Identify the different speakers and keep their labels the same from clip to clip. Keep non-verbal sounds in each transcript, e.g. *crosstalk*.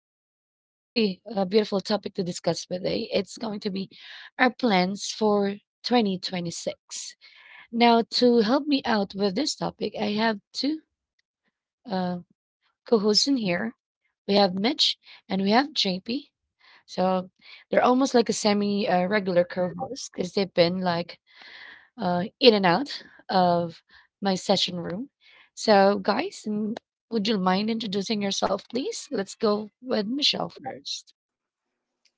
Speaker 1: full, very beautiful topic to discuss today. It's going to be our plans for 2026. Now, to help me out with this topic, I have two. Uh, co-hosts in here. We have Mitch and we have JP. So they're almost like a semi regular co-host because they've been like in and out of my session room. So guys, would you mind introducing yourself, please? Let's go with Michelle first.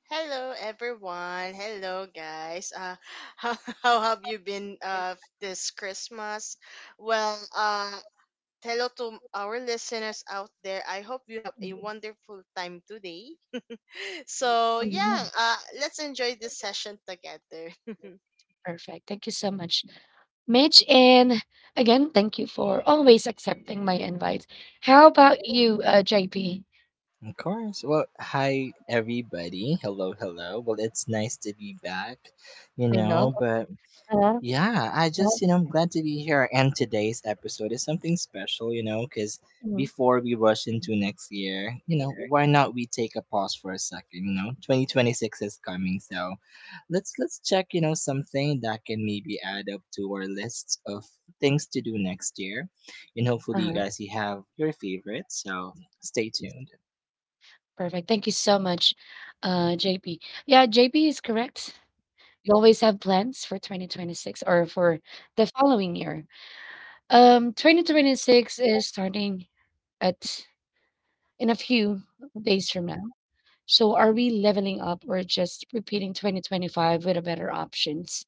Speaker 2: Hello everyone. Hello guys. *laughs* How, how have you been this Christmas? Well, uh hello to our listeners out there. I hope you have a wonderful time today. *laughs*
Speaker 1: Mhm.
Speaker 2: Let's enjoy this session together. *laughs*
Speaker 1: Perfect. Thank you so much, Mitch. And again, thank you for always accepting my invites. How about you, JP?
Speaker 3: Of course. Well, hi everybody. Hello, hello. Well, it's nice to be back,
Speaker 1: I know.
Speaker 3: but
Speaker 1: *laughs*
Speaker 3: yeah, I just, I'm glad to be here and today's episode is something special, cuz before we rush into next year, why not we take a pause for a second, 2026 is coming, so let's check, something that can maybe add up to our list of things to do next year. And hopefully
Speaker 1: Uh-huh.
Speaker 3: you have your favorites, so stay tuned.
Speaker 1: Perfect. Thank you so much, JP. Yeah, JP is correct. We always have plans for 2026 or for the following year. 2026 is starting at in a few days from now. So are we leveling up or just repeating 2025 with a better options?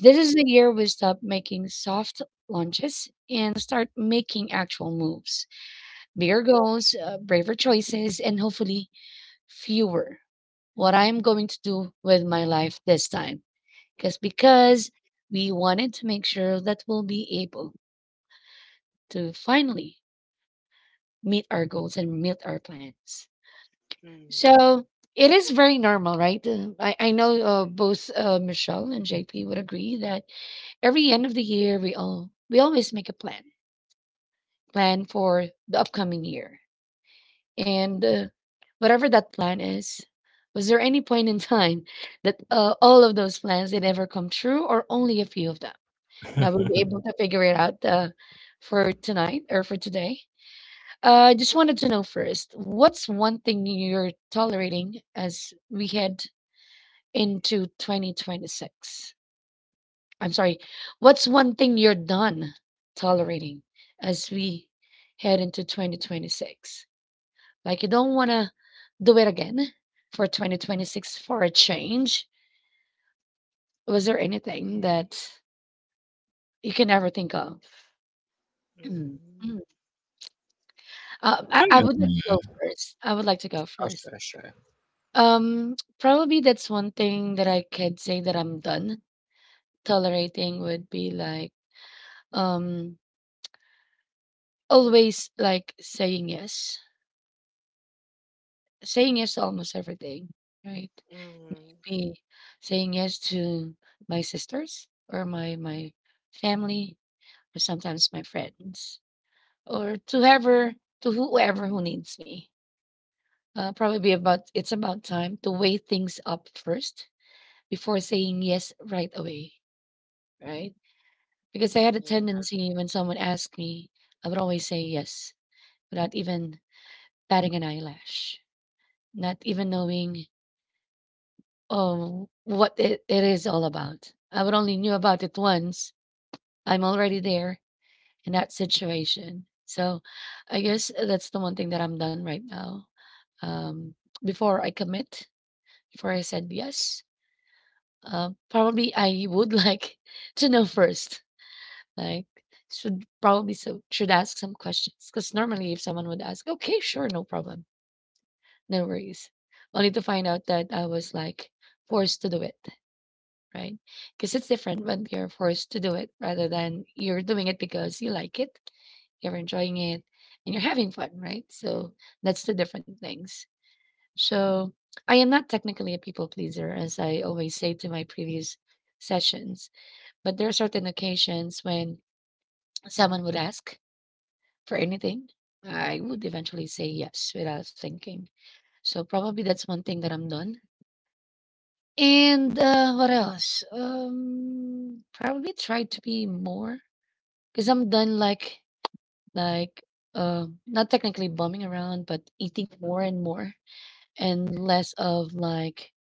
Speaker 1: This is the year we stop making soft launches and start making actual moves. Bigger goals, braver choices, and hopefully fewer what I'm going to do with my life this time. Because we wanted to make sure that we'll be able to finally meet our goals and meet our plans.
Speaker 2: mm,
Speaker 1: So it is very normal, right? I know both Michelle and JP would agree that every end of the year we always make a plan for the upcoming year. And whatever that plan is, was there any point in time that all of those plans did ever come true, or only a few of them? Now we'll be
Speaker 3: *laughs*
Speaker 1: able to figure it out for tonight or for today. I just wanted to know first, what's one thing you're tolerating as we head into 2026? I'm sorry, what's one thing you're done tolerating as we head into 2026? Like you don't wanna do it again for 2026 for a change. Was there anything that you can never think of? Mm,
Speaker 2: mm,
Speaker 1: mm. I would
Speaker 3: Hmm.
Speaker 1: like to go first. I would like to go
Speaker 3: Oh,
Speaker 1: first.
Speaker 3: sure, sure.
Speaker 1: Probably that's one thing that I could say that I'm done tolerating would be like, um, always like saying yes. Saying yes to almost everything, right?
Speaker 2: mm,
Speaker 1: Be saying yes to my sisters or my family, or sometimes my friends or to whoever who needs me. Probably about it's about time to weigh things up first before saying yes right away, right? Because I had a
Speaker 2: yeah.
Speaker 1: tendency when someone asked me, I would always say yes without even batting an eyelash, not even knowing what it is all about. I would only knew about it once. I'm already there in that situation. So I guess that's the one thing that I'm done right now. um, before I commit, before I said yes. Probably I would like *laughs* to know first. Like should probably so should ask some questions because normally if someone would ask, okay, sure, no problem, no worries, only to find out that I was like forced to do it, right? Because it's different when you're forced to do it rather than you're doing it because you like it, you're enjoying it, and you're having fun, right? So that's the different things. So I am not technically a people pleaser, as I always say to my previous sessions, but there are certain occasions when someone would ask for anything. I would eventually say yes without thinking. So probably that's one thing that I'm done. And what else? Probably try to be more because I'm done like not technically bumming around, but eating more and more and less of like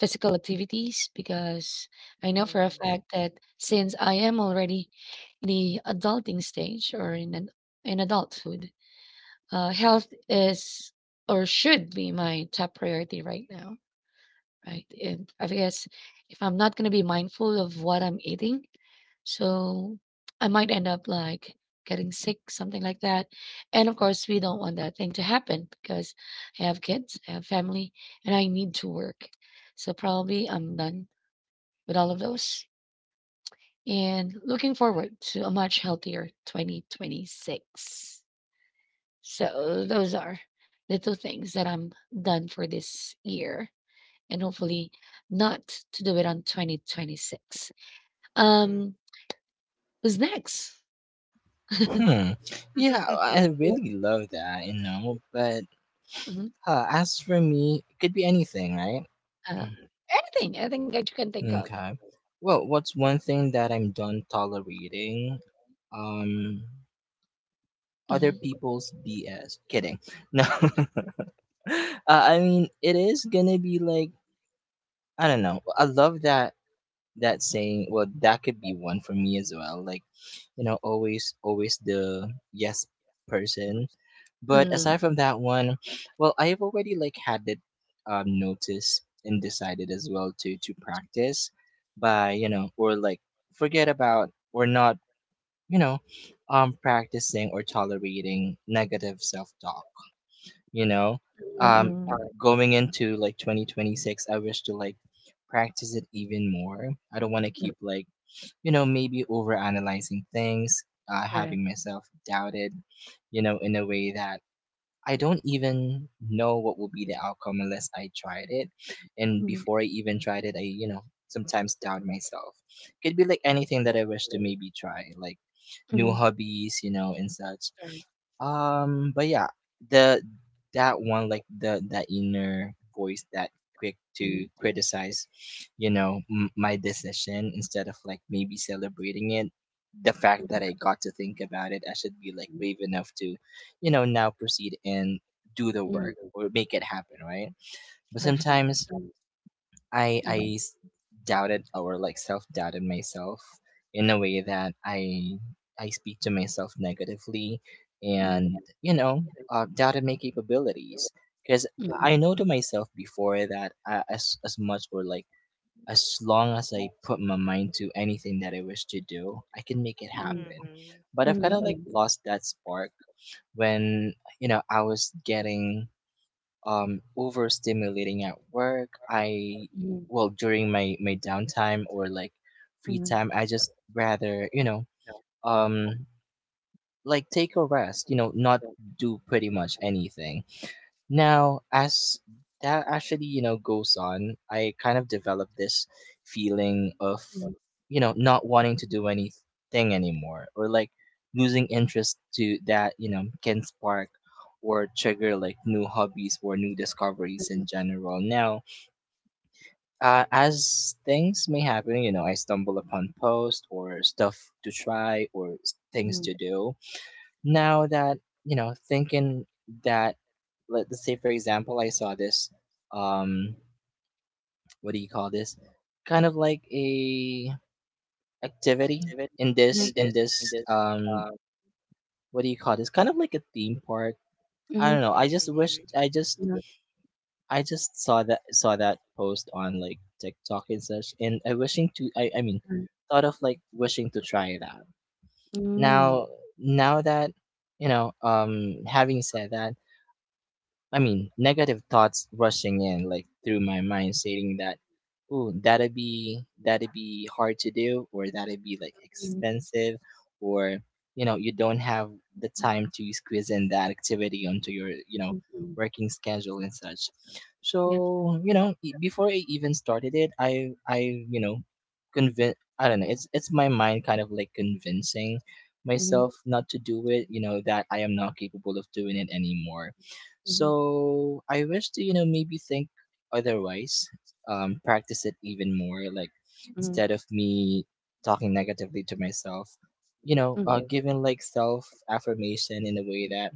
Speaker 1: physical activities because I know for a
Speaker 2: Mm,
Speaker 1: fact that since I am already in the adulting stage or in an, in adulthood, health is or should be my top priority right now. Right, and I guess if I'm not gonna be mindful of what I'm eating, so I might end up like getting sick, something like that. And of course, we don't want that thing to happen because I have kids, I have family, and I need to work. So probably I'm done with all of those and looking forward to a much healthier 2026. So those are the two things that I'm done for this year and hopefully not to do it on 2026.
Speaker 2: mm.
Speaker 1: Um, who's next?
Speaker 3: Hmm. Yeah, I
Speaker 2: *laughs*
Speaker 1: Yeah.
Speaker 3: really love that, But
Speaker 1: Mhm.
Speaker 3: as for me, it could be anything, right?
Speaker 1: Uh, anything, anything that you can think of.
Speaker 3: Okay. Well, what's one thing that I'm done tolerating? Um, other
Speaker 1: Mhm.
Speaker 3: people's BS. Kidding. *laughs* No. *laughs* uh, I mean, it is gonna be like I don't know. I love that saying. Well, that could be one for me as well. Like always, always the yes person. But
Speaker 1: Mm,
Speaker 3: aside from that one, well, I've already like had it noticed and decided as well to practice by or like forget about or not you know practicing or tolerating negative self talk. You know,
Speaker 1: mm,
Speaker 3: um,
Speaker 1: mm, Uh,
Speaker 3: going into like 2026, I wish to like practice it even more. I don't want to
Speaker 1: mm.
Speaker 3: keep like maybe over analyzing things,
Speaker 1: Correct.
Speaker 3: having myself doubted, in a way that I don't even know what will be the outcome unless I tried it. And
Speaker 1: Mhm,
Speaker 3: before I even tried it, I, sometimes doubt myself. Could be like anything that I wish to maybe try, like
Speaker 1: mhm,
Speaker 3: new hobbies, and such.
Speaker 1: Correct.
Speaker 3: But yeah, the that one, like the that inner voice that quick to
Speaker 1: Mhm,
Speaker 3: criticize, my decision instead of like maybe celebrating it. The fact
Speaker 1: mhm,
Speaker 3: that I got to think about it, I should be like
Speaker 1: mhm,
Speaker 3: brave enough to now proceed and do the work
Speaker 1: mhm.
Speaker 3: or make it happen, right? But
Speaker 1: Perfect.
Speaker 3: sometimes i
Speaker 1: Mhm,
Speaker 3: i s- doubted or like self-doubted myself in a way that I speak to myself negatively
Speaker 1: mhm,
Speaker 3: and doubted my capabilities because
Speaker 1: mhm,
Speaker 3: I know to myself before that as much or like as long as I put my mind to anything that I wish to do, I can make it happen,
Speaker 2: Mhm,
Speaker 3: but I've kind of
Speaker 1: mhm,
Speaker 3: like lost that spark when I was getting overstimulating at work. I
Speaker 1: mhm,
Speaker 3: well during my downtime or like
Speaker 1: mhm,
Speaker 3: free time,
Speaker 1: mhm,
Speaker 3: I just rather um like take a rest. You know, not do pretty much anything. Now, as that actually, goes on, I kind of develop this feeling of, not wanting to do anything anymore or like losing interest to that, can spark or trigger like new hobbies or new discoveries in general. Now, as things may happen, I stumble upon posts or stuff to try or things to do now that thinking that let's say for example I saw this um what do you call this, kind of like a activity in this what do you call this, kind of like a theme park. I don't know, I just wished.
Speaker 2: mhm,
Speaker 3: I just I just saw that post on like TikTok and such, and I wishing to I mean thought of like wishing to try that.
Speaker 1: Mm,
Speaker 3: Now now that having said that, I mean, negative thoughts rushing in, like through my mind, stating that, "Ooh, that'd be hard to do, or that'd be like
Speaker 1: mm,
Speaker 3: expensive, or you don't have the time to squeeze in that activity onto your
Speaker 1: mm, mm.
Speaker 3: working schedule and such."
Speaker 1: Yep.
Speaker 3: So before I even started it, I you know, convince I don't know. It's my mind kind of like convincing
Speaker 1: Mhm.
Speaker 3: myself not to do it. You know that I am not capable of doing it anymore,
Speaker 1: Mhm,
Speaker 3: so I wish to, maybe think otherwise, practice it even more. Like
Speaker 1: mhm,
Speaker 3: instead of me talking negatively to myself,
Speaker 1: you
Speaker 3: giving like self affirmation in a way that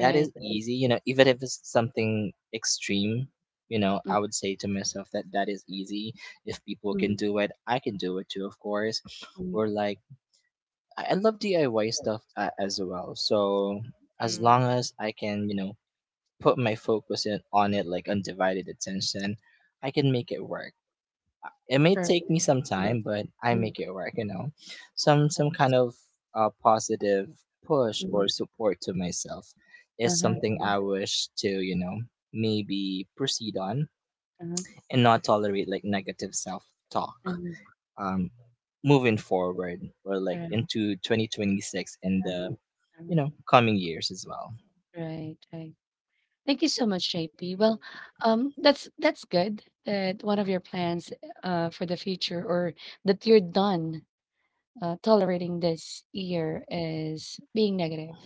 Speaker 3: that is easy. You know, even if it's something extreme,
Speaker 1: Mm,
Speaker 3: I would say to myself that that is easy. If people can
Speaker 1: mhm,
Speaker 3: do it, I can do it too, of course.
Speaker 1: mhm.
Speaker 3: Or like I love DIY stuff as well. So
Speaker 2: mhm,
Speaker 3: as long
Speaker 2: mhm,
Speaker 3: as I can, put my focus in, on it like undivided attention, I can make it work. It
Speaker 1: That
Speaker 3: may
Speaker 1: Correct.
Speaker 3: take me some
Speaker 1: Makes sense,
Speaker 3: time, but I
Speaker 1: right? Mhm,
Speaker 3: make it work. You know, some kind of positive push or
Speaker 1: mm.
Speaker 3: support to myself is
Speaker 1: Uh-huh,
Speaker 3: something I wish to maybe proceed on
Speaker 1: uh-huh.
Speaker 3: and not tolerate like negative self talk. Um, moving forward or like
Speaker 1: Correct.
Speaker 3: into 2026 and the
Speaker 1: Uh-huh, uh-huh.
Speaker 3: coming years as well.
Speaker 1: Right, right. Thank you so much, JP. Well, that's good that one of your plans for the future or that you're done tolerating this year is being negative,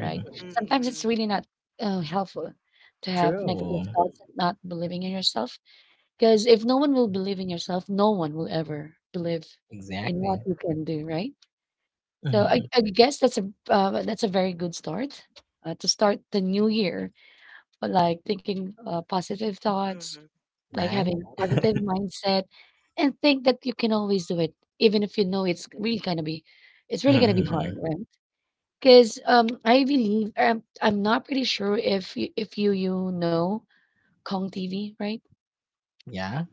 Speaker 1: right? Sometimes it's
Speaker 2: mhm,
Speaker 1: really not helpful to have negative
Speaker 3: True.
Speaker 1: thoughts and not believing in yourself. 'Cause if no one will believe in yourself, no one will ever believe in what
Speaker 3: Exactly.
Speaker 1: you can do, right? So I
Speaker 3: Mhm.
Speaker 1: I guess that's a very good start, to start the new year, but like thinking, positive thoughts, like
Speaker 3: Right?
Speaker 1: having a positive mindset, and think that you can always do it, even if you know it's really gonna be Right. hard,
Speaker 3: Mhm.
Speaker 1: right? 'Cause, I believe I'm not pretty sure if you you know Kong TV, right?
Speaker 3: Yeah.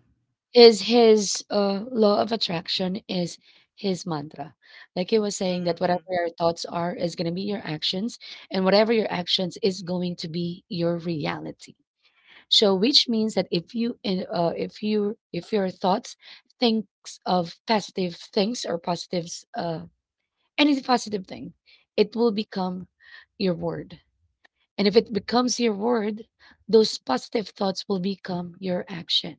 Speaker 1: His law of attraction is his mantra. Like he was saying that
Speaker 2: mhm,
Speaker 1: whatever your thoughts are is going to be your actions, and whatever your actions is going to be your reality. So, which means that if you in- if you if your thoughts thinks of positive things or positives, any positive thing, it will become your word. And if it becomes your word, those positive thoughts will become your action.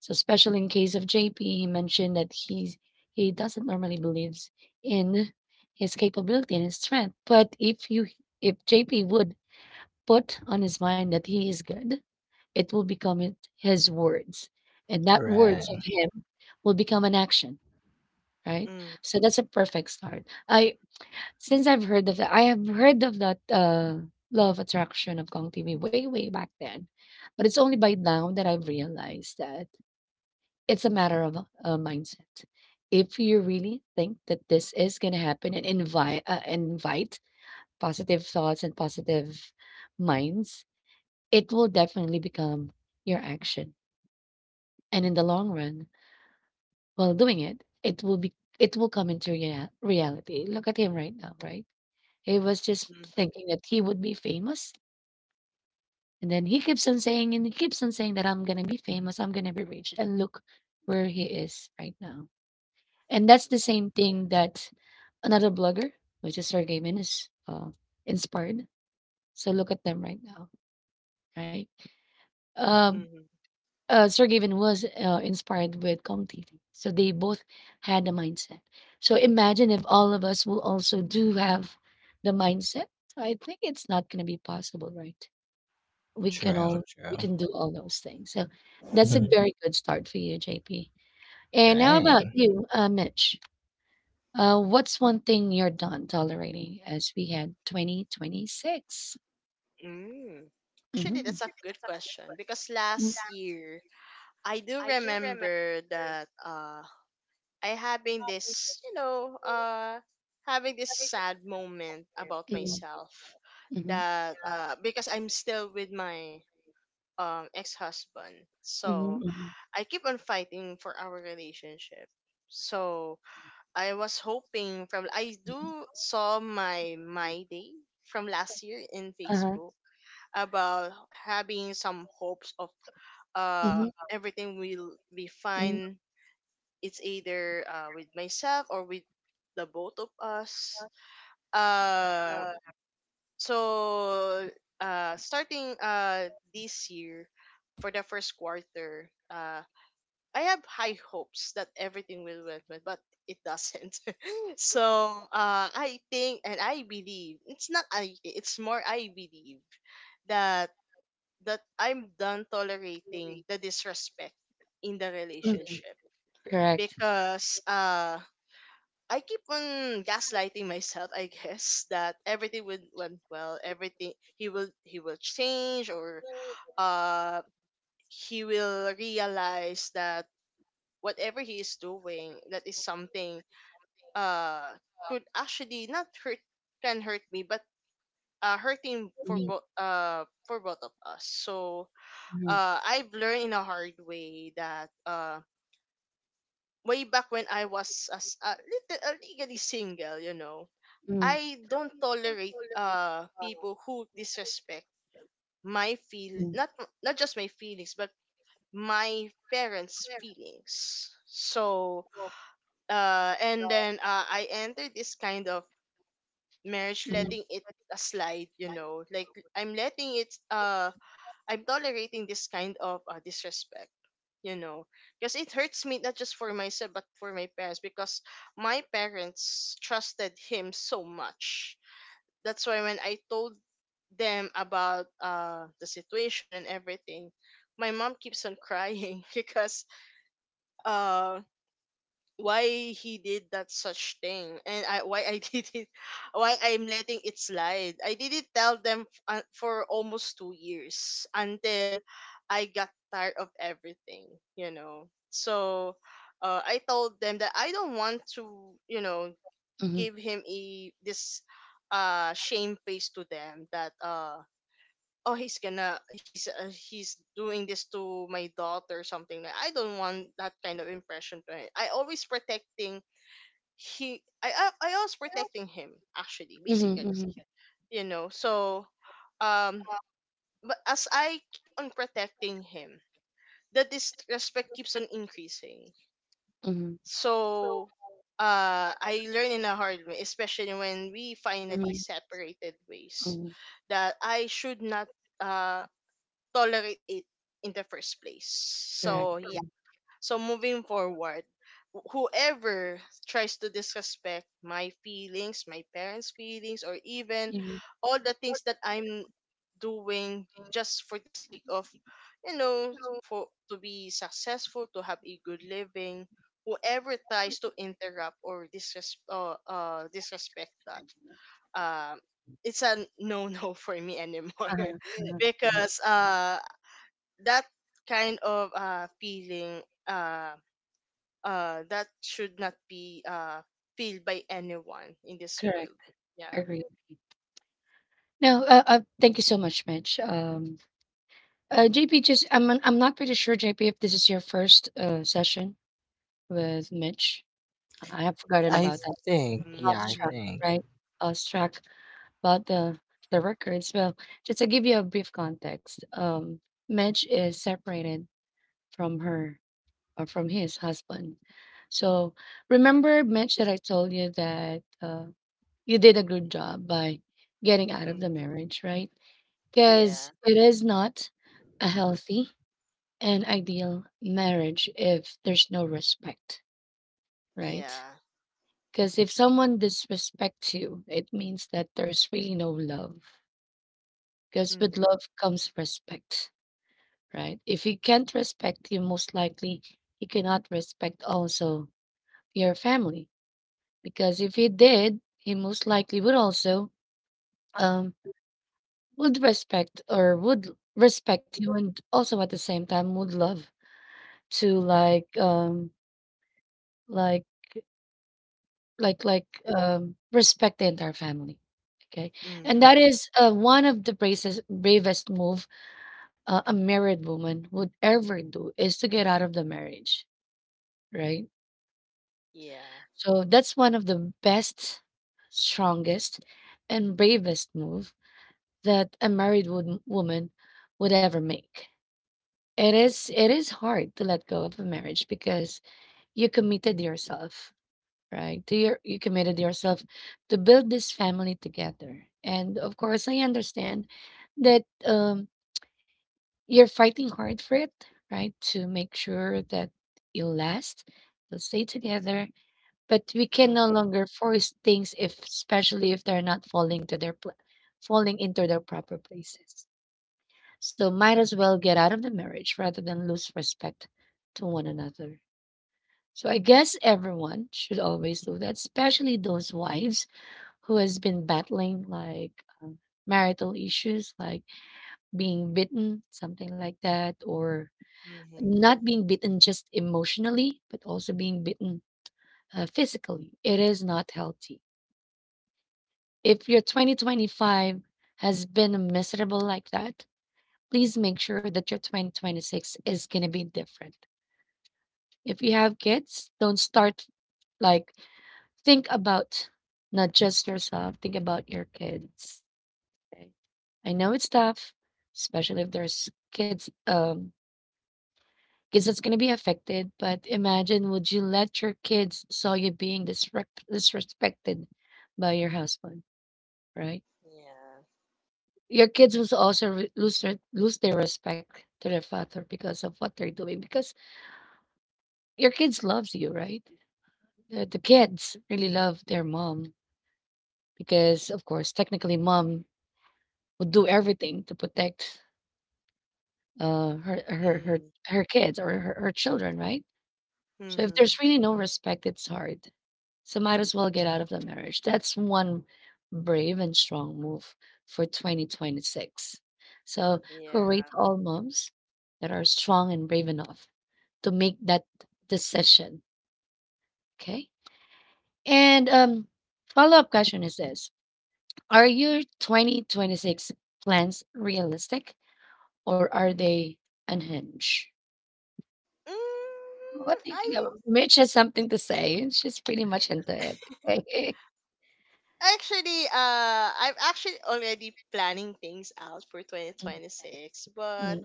Speaker 1: So especially in case of JP, he mentioned that he doesn't normally believes in his capability and his strength. But if JP would put on his mind that he is good, it will become it- his words. And that words of
Speaker 3: Right.
Speaker 1: him will become an action, right?
Speaker 2: mhm,
Speaker 1: So that's a perfect start. I since I've heard of that, I have heard of that law of attraction of Kong TV way, way back then. But it's only by now that I've realized that it's a matter of a mindset. If you really think that this is gonna happen and invite positive thoughts and positive minds, it will definitely become your action. And in the long run, while doing it, it will be it will come into reality. Look at him right now, right? He was just
Speaker 2: mhm.
Speaker 1: thinking that he would be famous. And then he keeps on saying that I'm gonna be famous, I'm gonna be rich. And look where he is right now. And that's the
Speaker 2: mhm.
Speaker 1: same thing that another blogger, which is Sergey Min, is inspired. So look at them right now, right? Um,
Speaker 2: Mhm.
Speaker 1: Sergey Min was inspired with ComTV. So they both had a mindset. So imagine if all of us will also do have the mindset. I think it's not going to be possible, right? We can all
Speaker 3: True,
Speaker 1: we
Speaker 3: true.
Speaker 1: can do all those things. So that's a
Speaker 3: *laughs*
Speaker 1: very good start for you, JP. And how about
Speaker 3: Right.
Speaker 1: you, Mitch? What's one thing you're done tolerating as we had 2026?
Speaker 2: Mm. Actually,
Speaker 1: Mm-hmm.
Speaker 2: that's a good question because last year I do remember that I having this, having this sad moment about myself
Speaker 1: Mm-hmm.
Speaker 2: that because I'm still with my ex-husband. So,
Speaker 1: Mm-hmm.
Speaker 2: I keep on fighting for our relationship. So, I was hoping from I do saw my my day from last year in
Speaker 1: Uh-huh.
Speaker 2: Facebook about having some hopes of uh
Speaker 1: Mm-hmm.
Speaker 2: everything will be
Speaker 1: Mm-hmm.
Speaker 2: fine. It's either with myself or with the both of us. Uh, so starting this year for the first quarter, I have high hopes that everything will well, but it doesn't. *laughs* So I think and I believe it's not I. think, It's more I believe that that I'm done tolerating the disrespect in the
Speaker 1: Mm-hmm.
Speaker 2: relationship
Speaker 1: Correct.
Speaker 2: because I keep on gaslighting myself, I guess, *laughs* that everything would went well, everything he will change or uh he will realize that whatever he is doing that is something uh could actually not hurt can hurt me but uh hurting for
Speaker 1: Mm-hmm.
Speaker 2: both uh for both of us. So
Speaker 1: Mm-hmm.
Speaker 2: I've learned in a hard way that way back when I was legally single, you know,
Speaker 1: Mm-hmm.
Speaker 2: I don't tolerate people who disrespect my feel not not just my feelings but my parents' feelings. So and then I entered this kind of marriage,
Speaker 1: Mm-hmm. Mm-hmm.
Speaker 2: letting it a slide, you know, like I'm letting it I'm tolerating this kind of disrespect, you know, because it hurts me not just for myself but for my parents because my parents trusted him so much. That's why when I told them about the situation and everything, my mom keeps on crying *laughs* because uh why he did that such thing and why I *laughs* did it, why I'm letting it slide. I didn't tell them for almost 2 years until I got tired of everything, you know. So I told them that I don't want to, you know,
Speaker 1: Mm-hmm.
Speaker 2: give him a this shame face to them that oh he's gonna he's doing this to my daughter, something like I don't want that kind of impression to him. I, I was protecting him actually basically,
Speaker 1: Mm-hmm.
Speaker 2: you know. So um but as I keep on protecting him, the disrespect keeps on increasing.
Speaker 1: Mm-hmm.
Speaker 2: So I learned in a hard way, especially when we finally
Speaker 1: Mm-hmm.
Speaker 2: separated ways,
Speaker 1: Mm-hmm.
Speaker 2: that I should not uh tolerate it in the first place,
Speaker 1: Correct.
Speaker 2: so yeah. So moving forward, whoever tries to disrespect my feelings, my parents' feelings, or even
Speaker 1: Mm-hmm.
Speaker 2: all the things that I'm doing just for the sake of, you know, for to be successful, to have a good living, whoever tries to interrupt or disrespect that, um, it's a no no *laughs* for me anymore
Speaker 1: Uh-huh. Uh-huh.
Speaker 2: *laughs*
Speaker 1: Uh-huh.
Speaker 2: because that kind of feeling that should not be filled by anyone in this
Speaker 1: Correct.
Speaker 2: world, yeah
Speaker 1: Agree. No, thank you so much, Mitch. JP, just I'm not pretty sure, JP, if this is your first session with Mitch. I have forgotten
Speaker 3: I
Speaker 1: about that.
Speaker 3: think, yeah, I
Speaker 1: Awestruck,
Speaker 2: mm-hmm.
Speaker 3: think.
Speaker 1: right? Awestruck about the records. Well, just to give you a brief context, Madge is separated from her or from his husband. So remember, Mitch, that I told you that you did a good job by getting out of the marriage, right?
Speaker 2: Yeah.
Speaker 1: Because it is not a healthy and ideal marriage if there's no respect, right?
Speaker 2: yeah
Speaker 1: Because if someone disrespects you, it means that there's really no love. Because with
Speaker 2: mm-hmm.
Speaker 1: love comes respect, right? If he can't respect you, most likely he cannot respect also your family. Because if he did, he most likely would also um would respect or would respect you, and also at the same time would love to like like like respect the entire family. Okay, and that
Speaker 2: Mm-hmm.
Speaker 1: is one of the bravest move a married woman would ever do is to get out of the marriage, right?
Speaker 2: yeah
Speaker 1: So that's one of the best, strongest, and bravest move that a married woman would ever make. It is hard to let go of a marriage because you committed yourself, right? You committed yourself to build this family together. And of course, I understand that, you're fighting hard for it, right? To make sure that you'll last, you'll stay together. But we can no
Speaker 2: mm-hmm.
Speaker 1: longer force things, if especially if they're not falling to their pla falling into their proper places. So might as well get out of the marriage rather than lose respect to one another. So I guess everyone should always do that, especially those wives who has been battling like marital issues, like being bitten, something like that, or
Speaker 2: Mm-hmm.
Speaker 1: not being bitten just emotionally, but also being bitten physically. It is not healthy. If your 2025 has been miserable like that, please make sure that your 2026 is going to be different. If you have kids, don't start, like think about not just yourself, think about your kids. Okay. I know it's tough, especially if there's kids, kids that's gonna be affected, but imagine, would you let your kids saw you being disrespected by your husband, right?
Speaker 2: yeah
Speaker 1: Your kids will also lose their respect to their father because of what they're doing, because your kids loves you, right? The kids really love their mom because of course technically mom would do everything to protect uh her her her, her kids or her, her children, right? So if
Speaker 2: Mm-hmm.
Speaker 1: there's really no respect, it's hard. So might as well get out of the marriage. That's one brave and strong move for 2026. So
Speaker 2: yeah
Speaker 1: hooray to all moms that are strong and brave enough to make that decision. Okay. And follow up question is this: are your 2026 plans realistic or are they unhinged?
Speaker 2: mm,
Speaker 1: What do you
Speaker 2: I
Speaker 1: think about? Mitch has something to say. She's pretty much into it. *laughs*
Speaker 2: actually I'm actually already planning things out for 2026, but
Speaker 1: Okay.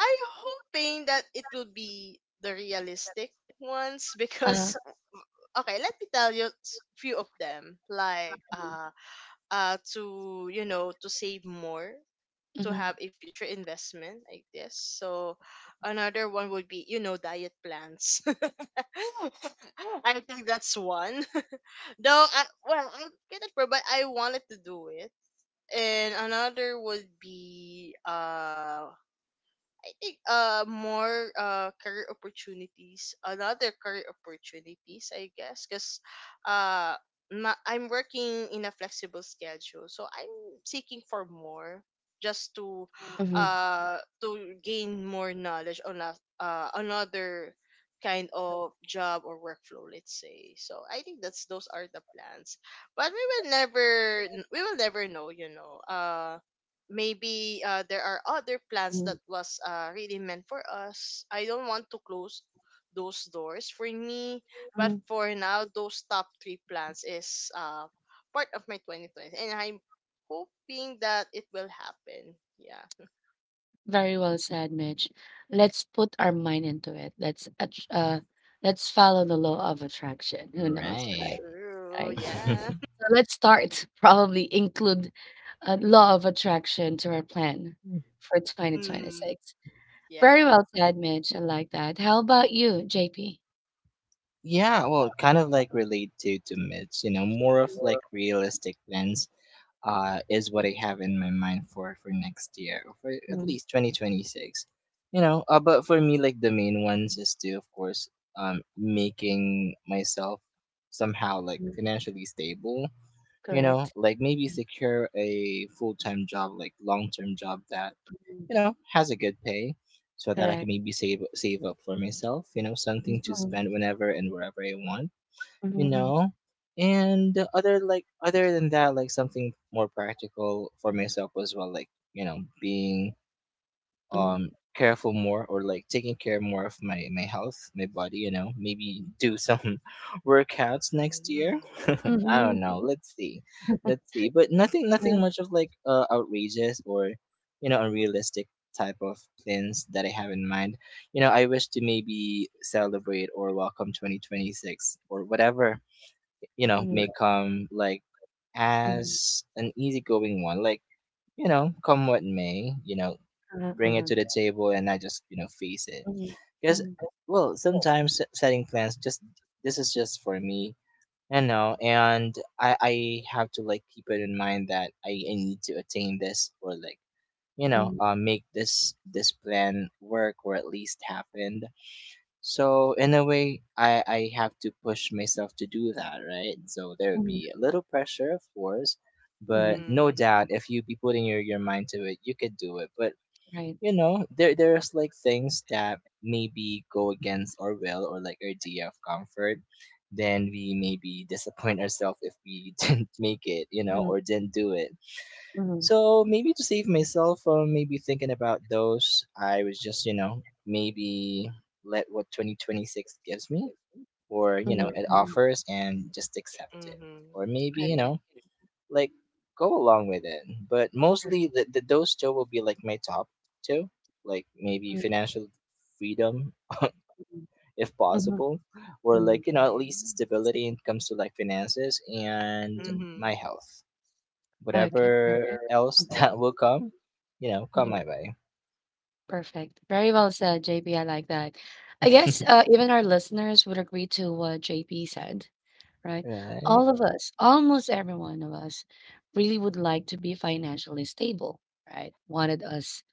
Speaker 2: I'm hoping that it will be the realistic ones. *laughs* Because okay, let me tell you few of them, like to, you know, to save more, to
Speaker 1: Mhm,
Speaker 2: have a future investment like this. So another one would be, you know, diet plans. *laughs* I think that's one. *laughs* Well, I get it, but I wanted to do it. And another would be I think more career opportunities, another career opportunities, I guess, because uh I'm working in a flexible schedule, so I'm seeking for more just
Speaker 1: mhm,
Speaker 2: to gain more knowledge on another kind of job or workflow, let's say. So I think that's those are the plans, but we will never know, you know. Maybe there are other plans
Speaker 1: mm,
Speaker 2: that was really meant for us. I don't want to close those doors for me, but
Speaker 1: mm.
Speaker 2: for now, those top three plans is part of my 2020, and I'm hoping that it will happen. Yeah,
Speaker 1: Very well said, Mitch. Let's put our mind into it. Let's let's follow the law of attraction. Who knows, right?
Speaker 3: Right.
Speaker 2: true.
Speaker 1: Right.
Speaker 2: Yeah.
Speaker 3: *laughs*
Speaker 2: *laughs*
Speaker 1: So let's start. *laughs* Probably include a law of attraction to our plan for
Speaker 2: Mm-hmm.
Speaker 1: 2026. Very
Speaker 2: Yeah.
Speaker 1: well said, Mitch. I like that. How about you, JP?
Speaker 3: Yeah, well, kind of like relate to Mitch. You know, more of like realistic plans, is what I have in my mind for next year, or for at
Speaker 1: Mm,
Speaker 3: least 2026. You know, but for me like the main ones is to of course making myself somehow like
Speaker 1: mm,
Speaker 3: financially stable. You know,
Speaker 1: correct.
Speaker 3: like maybe secure a full-time job, like long-term job that has a good pay, so that I can
Speaker 1: Correct.
Speaker 3: maybe save up for myself, you know, something to
Speaker 1: Mhm,
Speaker 3: spend whenever and wherever I want. you
Speaker 1: mhm,
Speaker 3: know and the other, like other than that, like something more practical for myself as well, like being
Speaker 1: mhm,
Speaker 3: um careful more or like taking care more of my health, my body, you know, maybe do some *laughs* workouts next year.
Speaker 2: Mm-hmm.
Speaker 3: *laughs* I don't
Speaker 1: mhm,
Speaker 3: know, let's see, but nothing
Speaker 1: mhm,
Speaker 3: much of like outrageous or unrealistic type of plans that I have in mind. You know, I wish to maybe celebrate or welcome 2026 or whatever may
Speaker 1: mhm,
Speaker 3: come, like as an easygoing one, like come what may, you know, bring it to the table, and I just face it.
Speaker 1: mhm,
Speaker 3: Because well, sometimes setting plans, just this is just for me, you know, and I have to like keep it in mind that I need to attain this or like
Speaker 1: mhm, mhm,
Speaker 3: make this plan work or at least happen. So in a way, I have to push myself to do that, right? So there would
Speaker 1: mhm,
Speaker 3: be a little pressure, of course, but
Speaker 1: mhm.
Speaker 3: no doubt if you be putting your mind to it, you could do it. But
Speaker 1: Right.
Speaker 3: there's like things that maybe go against our will or like our idea of comfort, then we maybe disappoint ourselves if we *laughs* didn't make it, you know,
Speaker 1: Mhm,
Speaker 3: or didn't do it.
Speaker 1: mhm, mhm,
Speaker 3: So maybe to save myself from maybe thinking about those, I was just, maybe let what 2026 gives me or, it offers and just accept it.
Speaker 2: Mm-hmm. Mm-hmm.
Speaker 3: Or maybe, like go along with it. But
Speaker 1: I
Speaker 3: mostly,
Speaker 1: perfect.
Speaker 3: those two will be like my top two, like maybe
Speaker 1: Mm,
Speaker 3: financial freedom if
Speaker 1: mhm,
Speaker 3: possible, or like
Speaker 1: mm.
Speaker 3: at least stability when it comes to like finances and
Speaker 1: Mhm.
Speaker 2: Mm-hmm.
Speaker 3: my health.
Speaker 1: Okay, per
Speaker 3: Whatever else
Speaker 1: mhm,
Speaker 3: *laughs* that will come, come
Speaker 1: yeah. Mm.
Speaker 3: my way.
Speaker 1: Perfect. Very well said, JP, I like that. I guess,
Speaker 3: *laughs*
Speaker 1: even our listeners would agree to what JP said, right?
Speaker 3: Right.
Speaker 1: All of us, almost every one of us, really would like to be financially stable, right? Wanted us,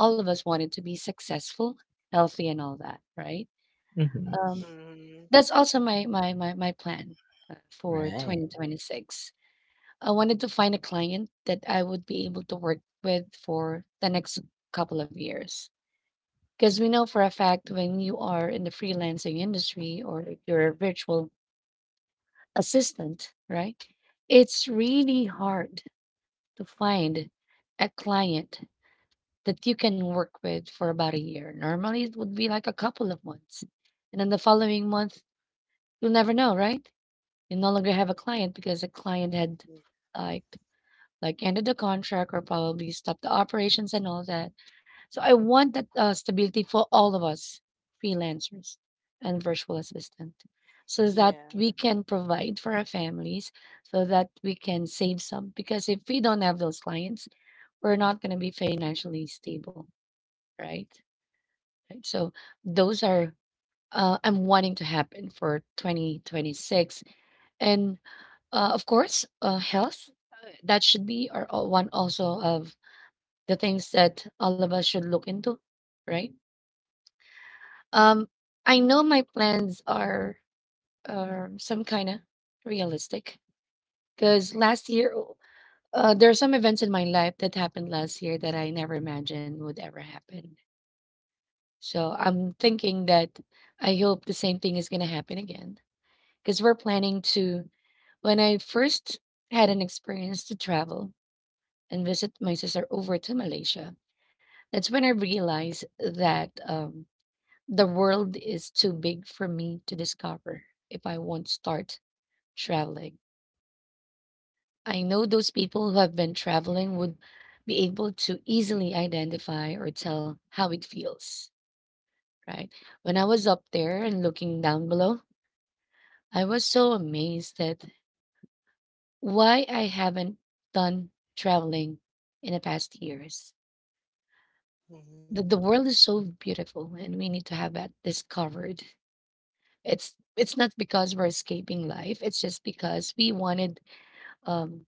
Speaker 1: all of us wanted to be successful, healthy, and all that, right?
Speaker 3: Hmm.
Speaker 1: Um,
Speaker 2: Mm-hmm. Mm-hmm.
Speaker 1: that's also my plan for
Speaker 3: Right.
Speaker 1: 2026. I wanted to find a client that I would be able to work with for the next couple of years. Because we know for a fact when you are in the freelancing industry or if you're a virtual assistant, right? It's really hard to find a client that you can work with for about a year. Normally, it would be like a couple of months. And then the following month, you'll never know, right? You no longer have a client because the client had like like ended the contract or probably stopped the operations and all that. So I want that, stability for all of us, freelancers and virtual assistant, so that
Speaker 2: Yeah.
Speaker 1: we can provide for our families, so that we can save some. Because if we don't have those clients, we're not going to be financially stable, right? Right. So those are, I'm wanting to happen for 2026, and of course, health. That should be our one also of the things that all of us should look into, right? Um, I know my plans are, some kind of realistic because last year, there are some events in my life that happened last year that I never imagined would ever happen. So I'm thinking that I hope the same thing is going to happen again because we're planning to. When I first had an experience to travel and visit my sister over to Malaysia, that's when I realized that, the world is too big for me to discover if I won't start traveling. I know those people who have been traveling would be able to easily identify or tell how it feels, right? When I was up there and looking down below, I was so amazed at why I haven't done traveling in the past years. The,
Speaker 2: Mm-hmm.
Speaker 1: the world is so beautiful and we need to have that discovered. It's not because we're escaping life, it's just because we wanted, um,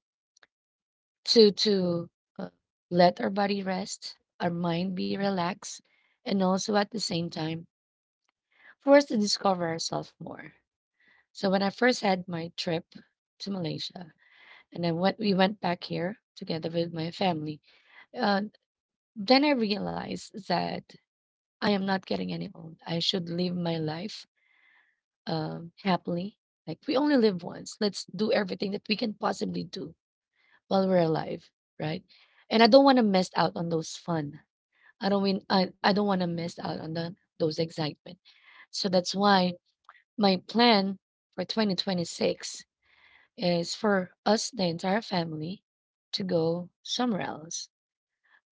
Speaker 1: to uh, let our body rest, our mind be relaxed, and also at the same time for us to discover ourselves more. So when I first had my trip to Malaysia, and then when we went back here together with my family, uh, then I realized that I am not getting any old. I should live my life, happily. Like we only live once. Let's do everything that we can possibly do while we're alive, right? And I don't want to miss out on those fun, I don't want to miss out on those excitement. So that's why my plan for 2026 is for us, the entire family, to go somewhere else.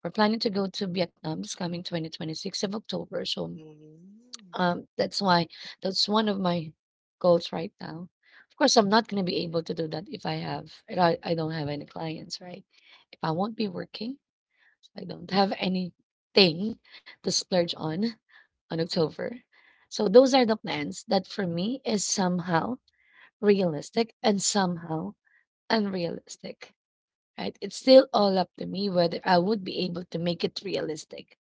Speaker 1: We're planning to go to Vietnam this coming 2026 of October. So,
Speaker 2: Mm-hmm.
Speaker 1: that's why that's one of my goals right now. Of course, I'm not going to be able to do that if I, I don't have any clients, right? If I won't be working, I don't have anything to splurge on October. So those are the plans that for me is somehow realistic and somehow unrealistic, right? It's still all up to me whether I would be able to make it realistic.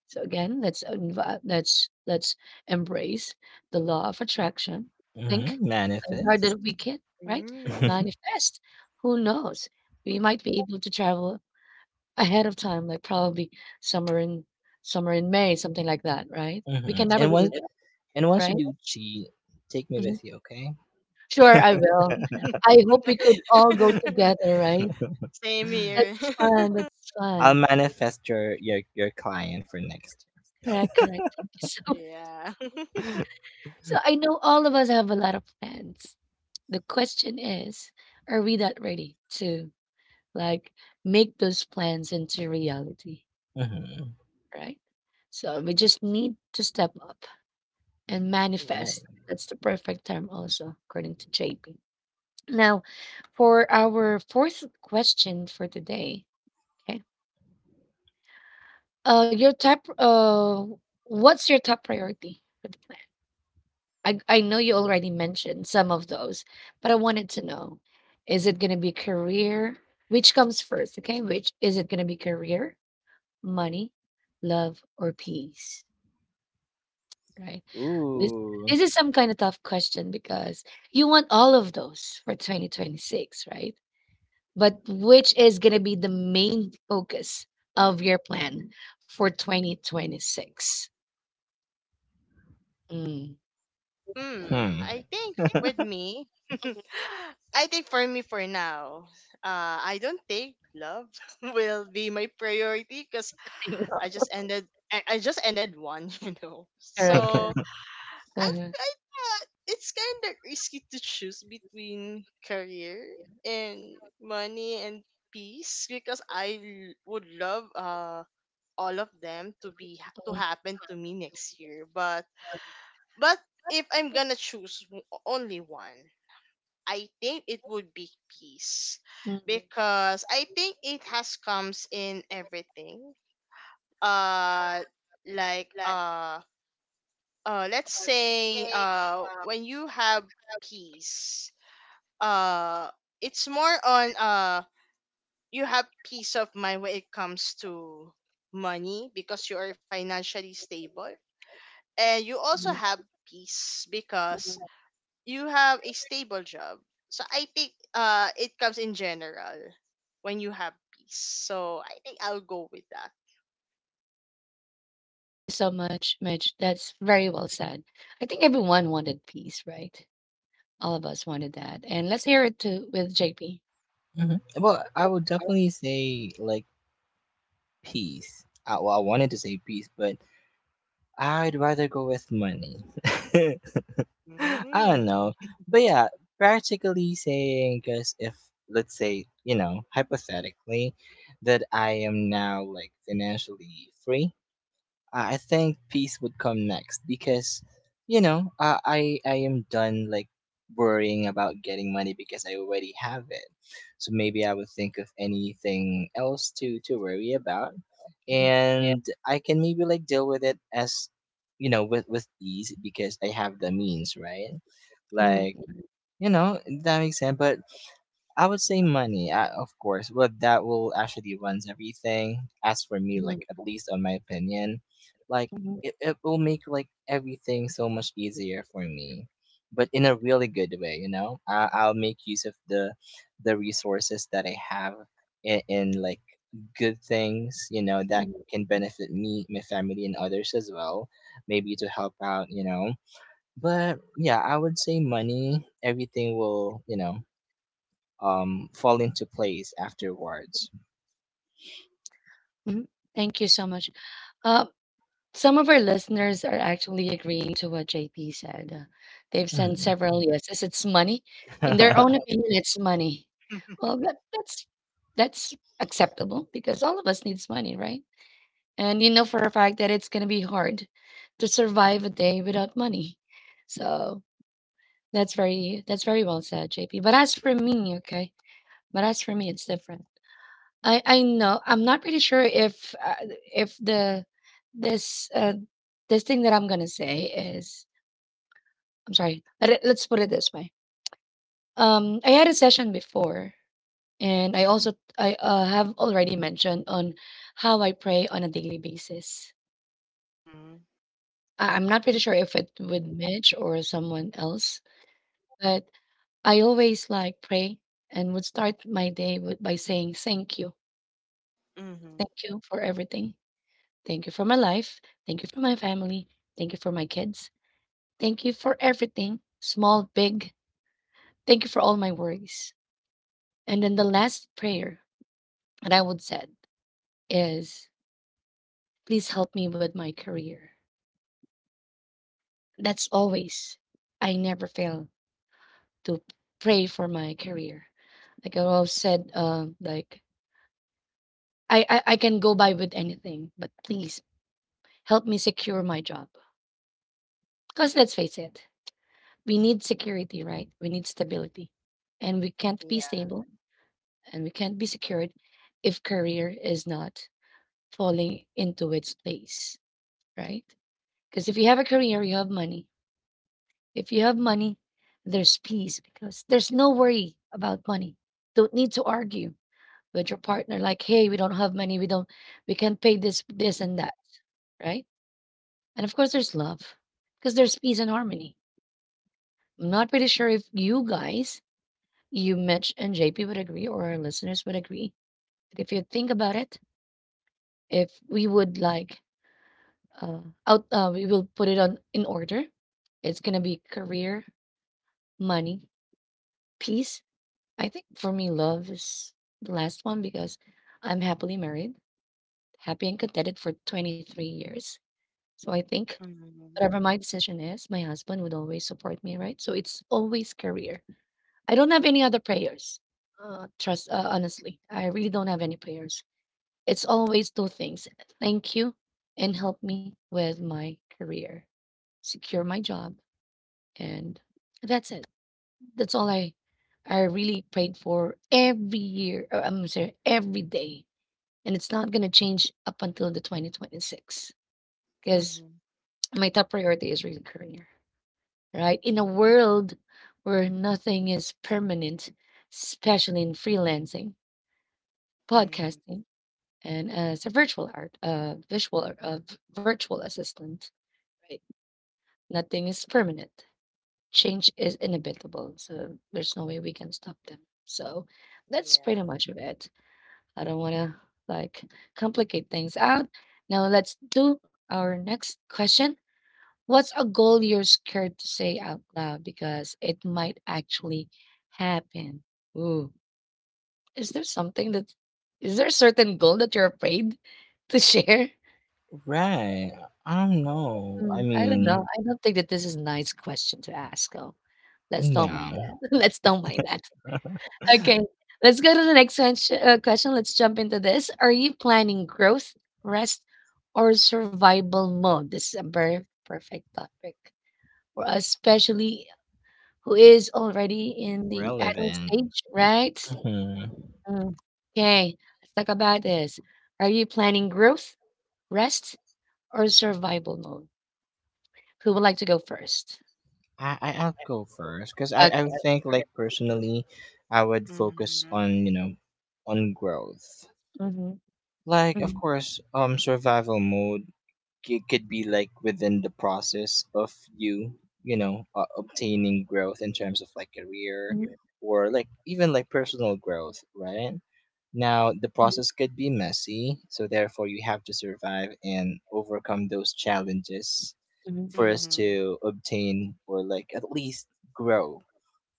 Speaker 1: So again, let's embrace the law of attraction. Think
Speaker 3: Hmm.
Speaker 1: as hard
Speaker 3: Manifest.
Speaker 1: as we can, right?
Speaker 3: *laughs*
Speaker 2: Mm-hmm.
Speaker 3: hmm
Speaker 1: Manifest. Who knows? We might be able to travel ahead of time, like, probably summer in summer in May, something like that, right? We can never
Speaker 3: And
Speaker 1: really,
Speaker 3: once
Speaker 1: yeah, tell,
Speaker 3: and once you
Speaker 2: Yeah.
Speaker 1: right?
Speaker 3: do cheat, take me
Speaker 1: Mhm.
Speaker 3: with you,
Speaker 1: Sure, I will. I hope we could all go
Speaker 3: okay?
Speaker 2: *laughs*
Speaker 1: together, right?
Speaker 2: Same
Speaker 3: *laughs*
Speaker 2: here.
Speaker 1: That's fun,
Speaker 2: *laughs*
Speaker 1: that's
Speaker 3: I'll
Speaker 1: fun.
Speaker 3: manifest your your client for next.
Speaker 1: Correct, correct. Thank you so *laughs* much.
Speaker 2: Yeah. *laughs*
Speaker 3: *laughs* Mm-hmm.
Speaker 1: So I know all of us have a lot of plans. The question is, are we that ready to, like, make those plans into reality, right? So we just need to step up. And
Speaker 3: Right.
Speaker 1: manifest. That's the perfect term also, according to JP. Now, for our fourth question for today, okay. Your top what's your top priority for the plan? I know you already mentioned some of those, but I wanted to know, is it gonna be career? Which comes first, okay? Which is it gonna be career, money, love, or peace? Right. Mm. This
Speaker 3: Ooh.
Speaker 1: this is some kind of tough question because you want all of those for 2026, right? But which is going to be the main focus of your plan for 2026? Mm.
Speaker 2: Hmm.
Speaker 3: Hmm.
Speaker 2: I think with
Speaker 3: *laughs*
Speaker 2: me, *laughs* I think for me for now, I don't think love *laughs* will be my priority because I just ended one, *laughs* you know. So I thought it's kind of risky to choose between career and money and peace, because I would love all of them to be to
Speaker 1: Mhm,
Speaker 2: happen to me next year, but if I'm gonna choose only one, I think it would be peace,
Speaker 1: mhm,
Speaker 2: because I think it has comes in everything. uh like uh let's say when you have peace, uh it's more on you have peace of mind when it comes to money because you are financially stable, and you also
Speaker 1: mhm.
Speaker 2: have peace because you have a stable job. So I think it comes in general when you have peace, so I think I'll go with that.
Speaker 1: Thank you so much, Mitch. That's very well said. I think everyone wanted peace, right? All of us wanted that. And let's hear it too with JP.
Speaker 3: Mhm. Well, I would definitely say like peace. Well, I wanted to say peace, but I'd rather go with money. *laughs* I don't know,
Speaker 2: Mm.
Speaker 3: but yeah, practically saying, because if let's say hypothetically that I am now like financially free, I think peace would come next because, I am done like worrying about getting money because I already have it. So maybe I would think of anything else to worry about,
Speaker 1: Mhm.
Speaker 3: and I can maybe like deal with it as, with ease because I have the means, right?
Speaker 1: Mhm,
Speaker 3: Like you know that makes sense. But I would say money, of course, but that will actually runs everything. As for me, like
Speaker 1: mhm,
Speaker 3: at least on my opinion, like
Speaker 1: mhm,
Speaker 3: it will make like everything so much easier for me, but in a really good way, you know. I'll make use of the resources that I have in like good things, you know, that
Speaker 1: mhm.
Speaker 3: can benefit me, my family, and others as well. Maybe to help out, you know. But yeah, I would say money. Everything will, fall into place afterwards.
Speaker 1: Mhm. Thank you so much. Uh, Some of our listeners are actually agreeing to what JP said. They've sent
Speaker 3: Hmm.
Speaker 1: several yeses. It's money. In their own
Speaker 3: *laughs*
Speaker 1: opinion, it's money. Well,
Speaker 2: *laughs*
Speaker 1: that's that's acceptable because all of us needs money, right? And you know for a fact that it's gonna be hard to survive a day without money. So that's very well said, JP. But as for me, okay. But as for me, it's different. I know I'm not pretty sure if, if the this, this thing that I'm gonna say is, I'm sorry. Let's put it this way. I had a session before, and I have already mentioned on how I pray on a daily basis.
Speaker 2: Mhm.
Speaker 1: I'm not pretty sure if it with Mitch or someone else, but I always like pray and would start my day with by saying
Speaker 2: Mhm.
Speaker 1: thank you for everything, thank you for my life, thank you for my family, thank you for my kids, thank you for everything, small, big. Thank you for all my worries. And then the last prayer that I would said is, please help me with my career. That's always, I never fail to pray for my career. Like I always said, I can go by with anything, but please help me secure my job. Because let's face it, we need security, right? We need stability. And we can't be
Speaker 2: Yeah.
Speaker 1: stable and we can't be secured if career is not falling into its place, right? Because if you have a career, you have money. If you have money, there's peace because there's no worry about money. Don't need to argue with your partner like, "Hey, we don't have money. We can't pay this and that." Right? And of course there's love because there's peace and harmony. I'm not pretty sure if you guys, you Mitch and JP would agree or our listeners would agree. But if you think about it, if we would like uh out we will put it on in order. It's going to be career, money, peace? I think for me, love is the last one because I'm happily married, happy and contented for 23 years. So I think
Speaker 2: Mhm.
Speaker 1: whatever my decision is, my husband would always support me, right? So it's always career. I don't have any other prayers. Honestly, I really don't have any prayers. It's always two things, thank you and help me with my career, secure my job, and that's it. That's all I really prayed for every year. Or I'm sorry, every day, and it's not gonna change up until the 2026 because
Speaker 2: Mhm.
Speaker 1: my top priority is really career. Right in a world where nothing is permanent, especially in freelancing,
Speaker 2: Mhm.
Speaker 1: podcasting, and as a virtual art, visual, ar- v- virtual assistant, right? Nothing is permanent. Change is inevitable, so there's no way we can stop them. So that's pretty
Speaker 2: Yeah.
Speaker 1: much of it. I don't want to like complicate things out. Now let's do our next question. What's a goal you're scared to say out loud because it might actually happen? Ooh, is there something that is there a certain goal that you're afraid *laughs* to share?
Speaker 3: Right. I don't know. I
Speaker 1: I don't know.
Speaker 3: mean,
Speaker 1: I don't think that this is a nice question to ask. Oh, let's don't mind
Speaker 3: yeah,
Speaker 1: that. *laughs* Let's don't mind that. Okay, let's go to the next question. Let's jump into this. Are you planning growth, rest, or survival mode? This is a very perfect topic for us, especially who is already in the adult
Speaker 3: relevant.
Speaker 1: stage, right?
Speaker 3: hmm
Speaker 1: Mm. Okay, let's talk about this. Are you planning growth, rest, or survival mode? Who would like to go first?
Speaker 3: I'll go first because I
Speaker 1: Okay.
Speaker 3: think, like, personally, I would focus,
Speaker 2: Mhm.
Speaker 3: on on growth.
Speaker 1: Mm-hmm.
Speaker 3: Like, of
Speaker 1: Mm-hmm.
Speaker 3: course, survival mode could be, like, within the process of obtaining growth in terms of, like, career or, like, even, like, personal growth, right? Now, the process could be messy, so therefore you have to survive and overcome those challenges
Speaker 1: Mm-hmm.
Speaker 3: for us
Speaker 2: Mhm.
Speaker 3: to obtain or, like, at least grow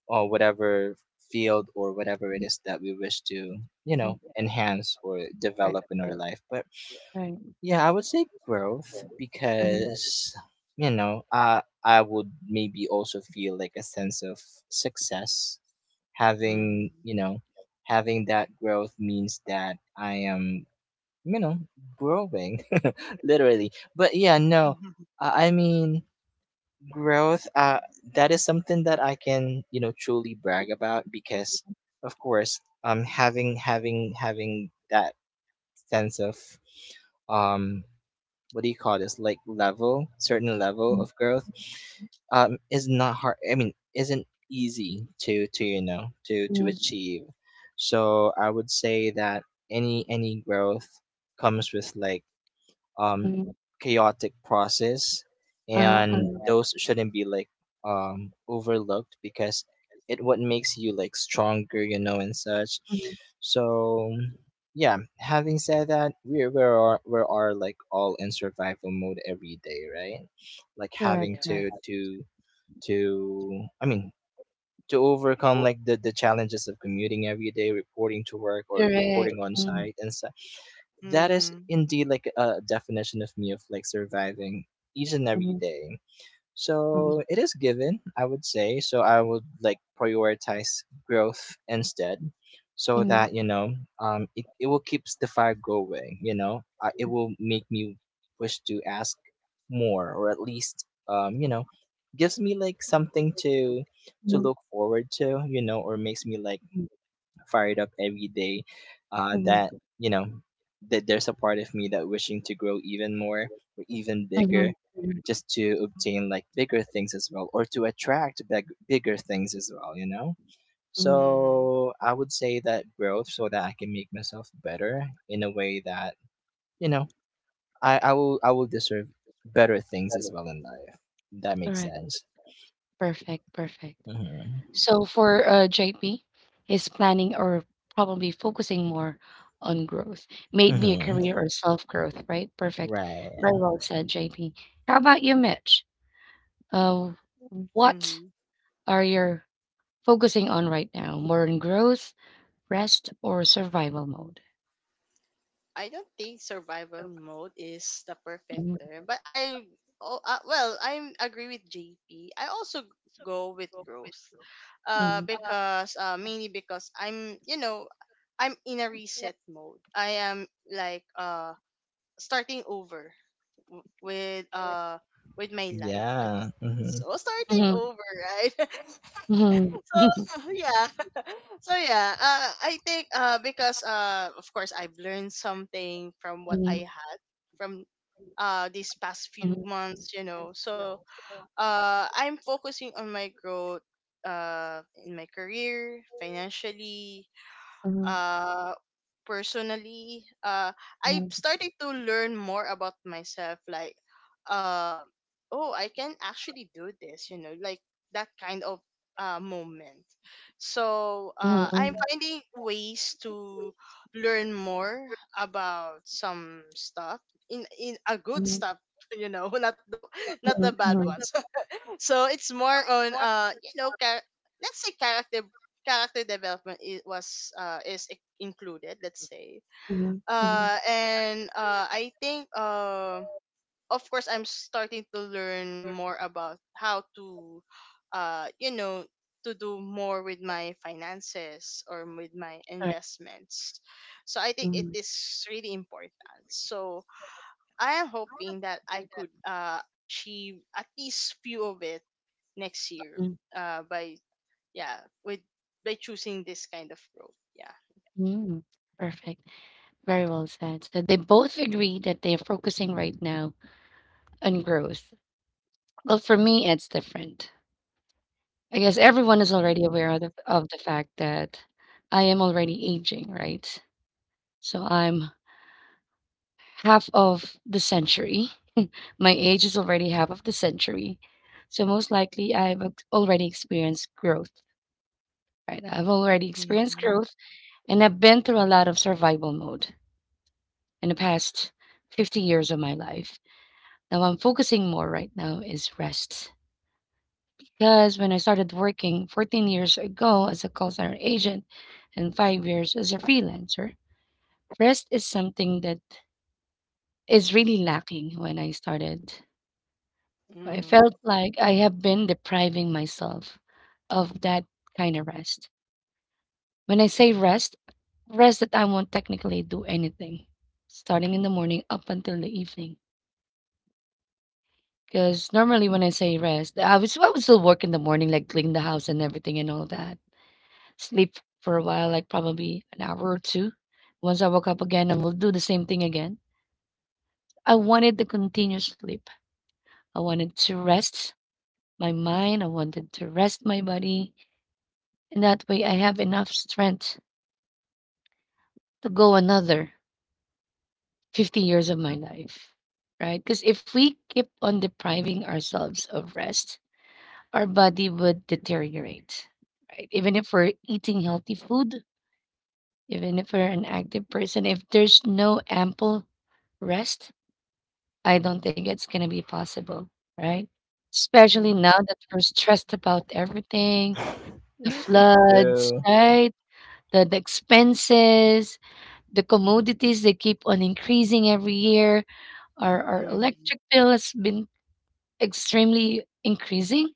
Speaker 3: or whatever field or whatever it is that we wish to,
Speaker 1: Mm-hmm.
Speaker 3: enhance or
Speaker 1: Right.
Speaker 3: develop in our life. But
Speaker 1: Right.
Speaker 3: yeah, I would say growth because, I would maybe also feel, like, a sense of success. Having
Speaker 2: Mhm.
Speaker 3: you know, having that growth means that I am, you know growing, *laughs* literally. But yeah, no,
Speaker 2: *laughs*
Speaker 3: I mean growth. That is something that I can, truly brag about because, of course, having that sense of um what do you call this, like, level, certain level of growth is not hard, I mean, isn't easy to you know to
Speaker 1: Mm,
Speaker 3: achieve, so I would say that any growth comes with, like, um,
Speaker 1: mm.
Speaker 3: chaotic process,
Speaker 1: uh
Speaker 3: and
Speaker 1: uh-huh.
Speaker 3: those shouldn't be, like, overlooked because it what makes you, like, stronger, you know, and such.
Speaker 1: Mhm.
Speaker 3: So yeah, having said that, we are, like, all in survival mode every day, right? Like,
Speaker 1: Correct,
Speaker 3: having
Speaker 1: correct.
Speaker 2: Yeah.
Speaker 3: to, I mean, to overcome, like, the challenges of commuting every day, reporting to work or
Speaker 1: Correct.
Speaker 3: reporting on
Speaker 1: Mm,
Speaker 3: site, and so that is
Speaker 2: Mhm.
Speaker 3: indeed, like, a definition of me of, like, surviving each and every
Speaker 1: mhm,
Speaker 3: day, so
Speaker 1: mhm,
Speaker 3: it is given, I would say. So I would, like, prioritize growth instead, so
Speaker 1: mhm,
Speaker 3: that, it will keeps the fire going. You know, it will make me wish to ask more, or at least, gives me, like, something to
Speaker 1: mhm,
Speaker 3: look forward to. You know, or makes me, like, fired up every day,
Speaker 1: mhm,
Speaker 3: that you know that there's a part of me that wishing to grow even more or even bigger, just to obtain, like, bigger things as well or to attract bigger things as well, you know,
Speaker 1: mhm.
Speaker 2: Mhm.
Speaker 3: so I would say that growth so that I can make myself better in a way that, you know I will deserve better things as well in life. That makes
Speaker 1: Correct.
Speaker 3: sense.
Speaker 1: Perfect, perfect.
Speaker 3: Mm-hmm.
Speaker 1: So for JP is planning or probably focusing more on growth, made me a
Speaker 3: Mm-hmm.
Speaker 1: career or self growth, right? Perfect. Very
Speaker 3: Right.
Speaker 1: well said, JP. How about you, Mitch? Uh, what
Speaker 2: Mhm.
Speaker 1: are you focusing on right now? More on growth, rest, or survival mode?
Speaker 2: I don't think survival mode is the perfect
Speaker 1: Mhm,
Speaker 2: term, but well, I agree with JP. I also go with growth. Because mainly because I'm, you know, I'm in a reset mode. I am like starting over w- with uh with my life
Speaker 3: Yeah.
Speaker 2: again.
Speaker 3: Mm-hmm.
Speaker 2: So starting over, right?
Speaker 1: Mhm,
Speaker 2: *laughs* So *laughs* yeah, *laughs* so yeah. I think because of course I've learned something from what
Speaker 1: mhm,
Speaker 2: I had from these past few months, you know. So I'm focusing on my growth in my career, financially,
Speaker 1: mhm,
Speaker 2: uh personally. I
Speaker 1: mhm,
Speaker 2: started to learn more about myself, like uh oh, I can actually do this, you know, like that kind of moment. So
Speaker 1: mhm,
Speaker 2: I'm finding ways to learn more about some stuff, in a good
Speaker 1: mhm,
Speaker 2: stuff *laughs* you know, not the not
Speaker 1: mhm,
Speaker 2: the bad
Speaker 1: mhm,
Speaker 2: ones. So it's more on, you know, let's say character, character development I- was is included, let's say.
Speaker 1: mhm, mhm.
Speaker 2: And I think, of course I'm starting to learn more about how to you know, to do more with my finances or with my
Speaker 1: Right.
Speaker 2: investments. So I think it
Speaker 1: Mhm,
Speaker 2: is really important. So I am hoping that I could achieve at least few of it next year,
Speaker 1: mhm,
Speaker 2: by yeah, with by choosing this kind of road, yeah.
Speaker 1: mhm. Perfect. Very well said. So they both agree that they're focusing right now on growth. Well, for me, it's different. I guess everyone is already
Speaker 2: Mhm,
Speaker 1: aware of the fact that I am already aging, right? So I'm half of the century. My age is already half of the century. So most likely, already experienced growth. Right. I've already experienced
Speaker 2: mhm,
Speaker 1: growth and I've been through a lot of survival mode in the past 50 years of my life. Now I'm focusing more right now is rest. Because when I started working 14 years ago as a call center agent and 5 years as a freelancer, rest is something that is really lacking when I started. I felt
Speaker 2: mhm,
Speaker 1: like I have been depriving myself of that kind of rest. When I say rest, rest that I won't technically do anything, starting in the morning up until the evening. Because normally when I say rest, I would still work in the morning, like clean the house and everything and all that. Sleep for a while, like probably an hour or two. Once I woke up again, I will do the same thing again. I wanted the continuous sleep. I wanted to rest my mind. I wanted to rest my body, and that way I have enough strength to go another 50 years of my life, right? Because if we keep on depriving ourselves of rest, our body would deteriorate, right? Even if we're eating healthy food, even if we're an active person, if there's no ample rest, I don't think it's going to be possible, right? Especially now
Speaker 2: mhm,
Speaker 1: that we're stressed about everything, the
Speaker 3: *laughs*
Speaker 1: floods,
Speaker 3: True.
Speaker 1: right? The expenses, the commodities, they keep on increasing every year. Our
Speaker 2: mhm,
Speaker 1: electric bill has been extremely increasing.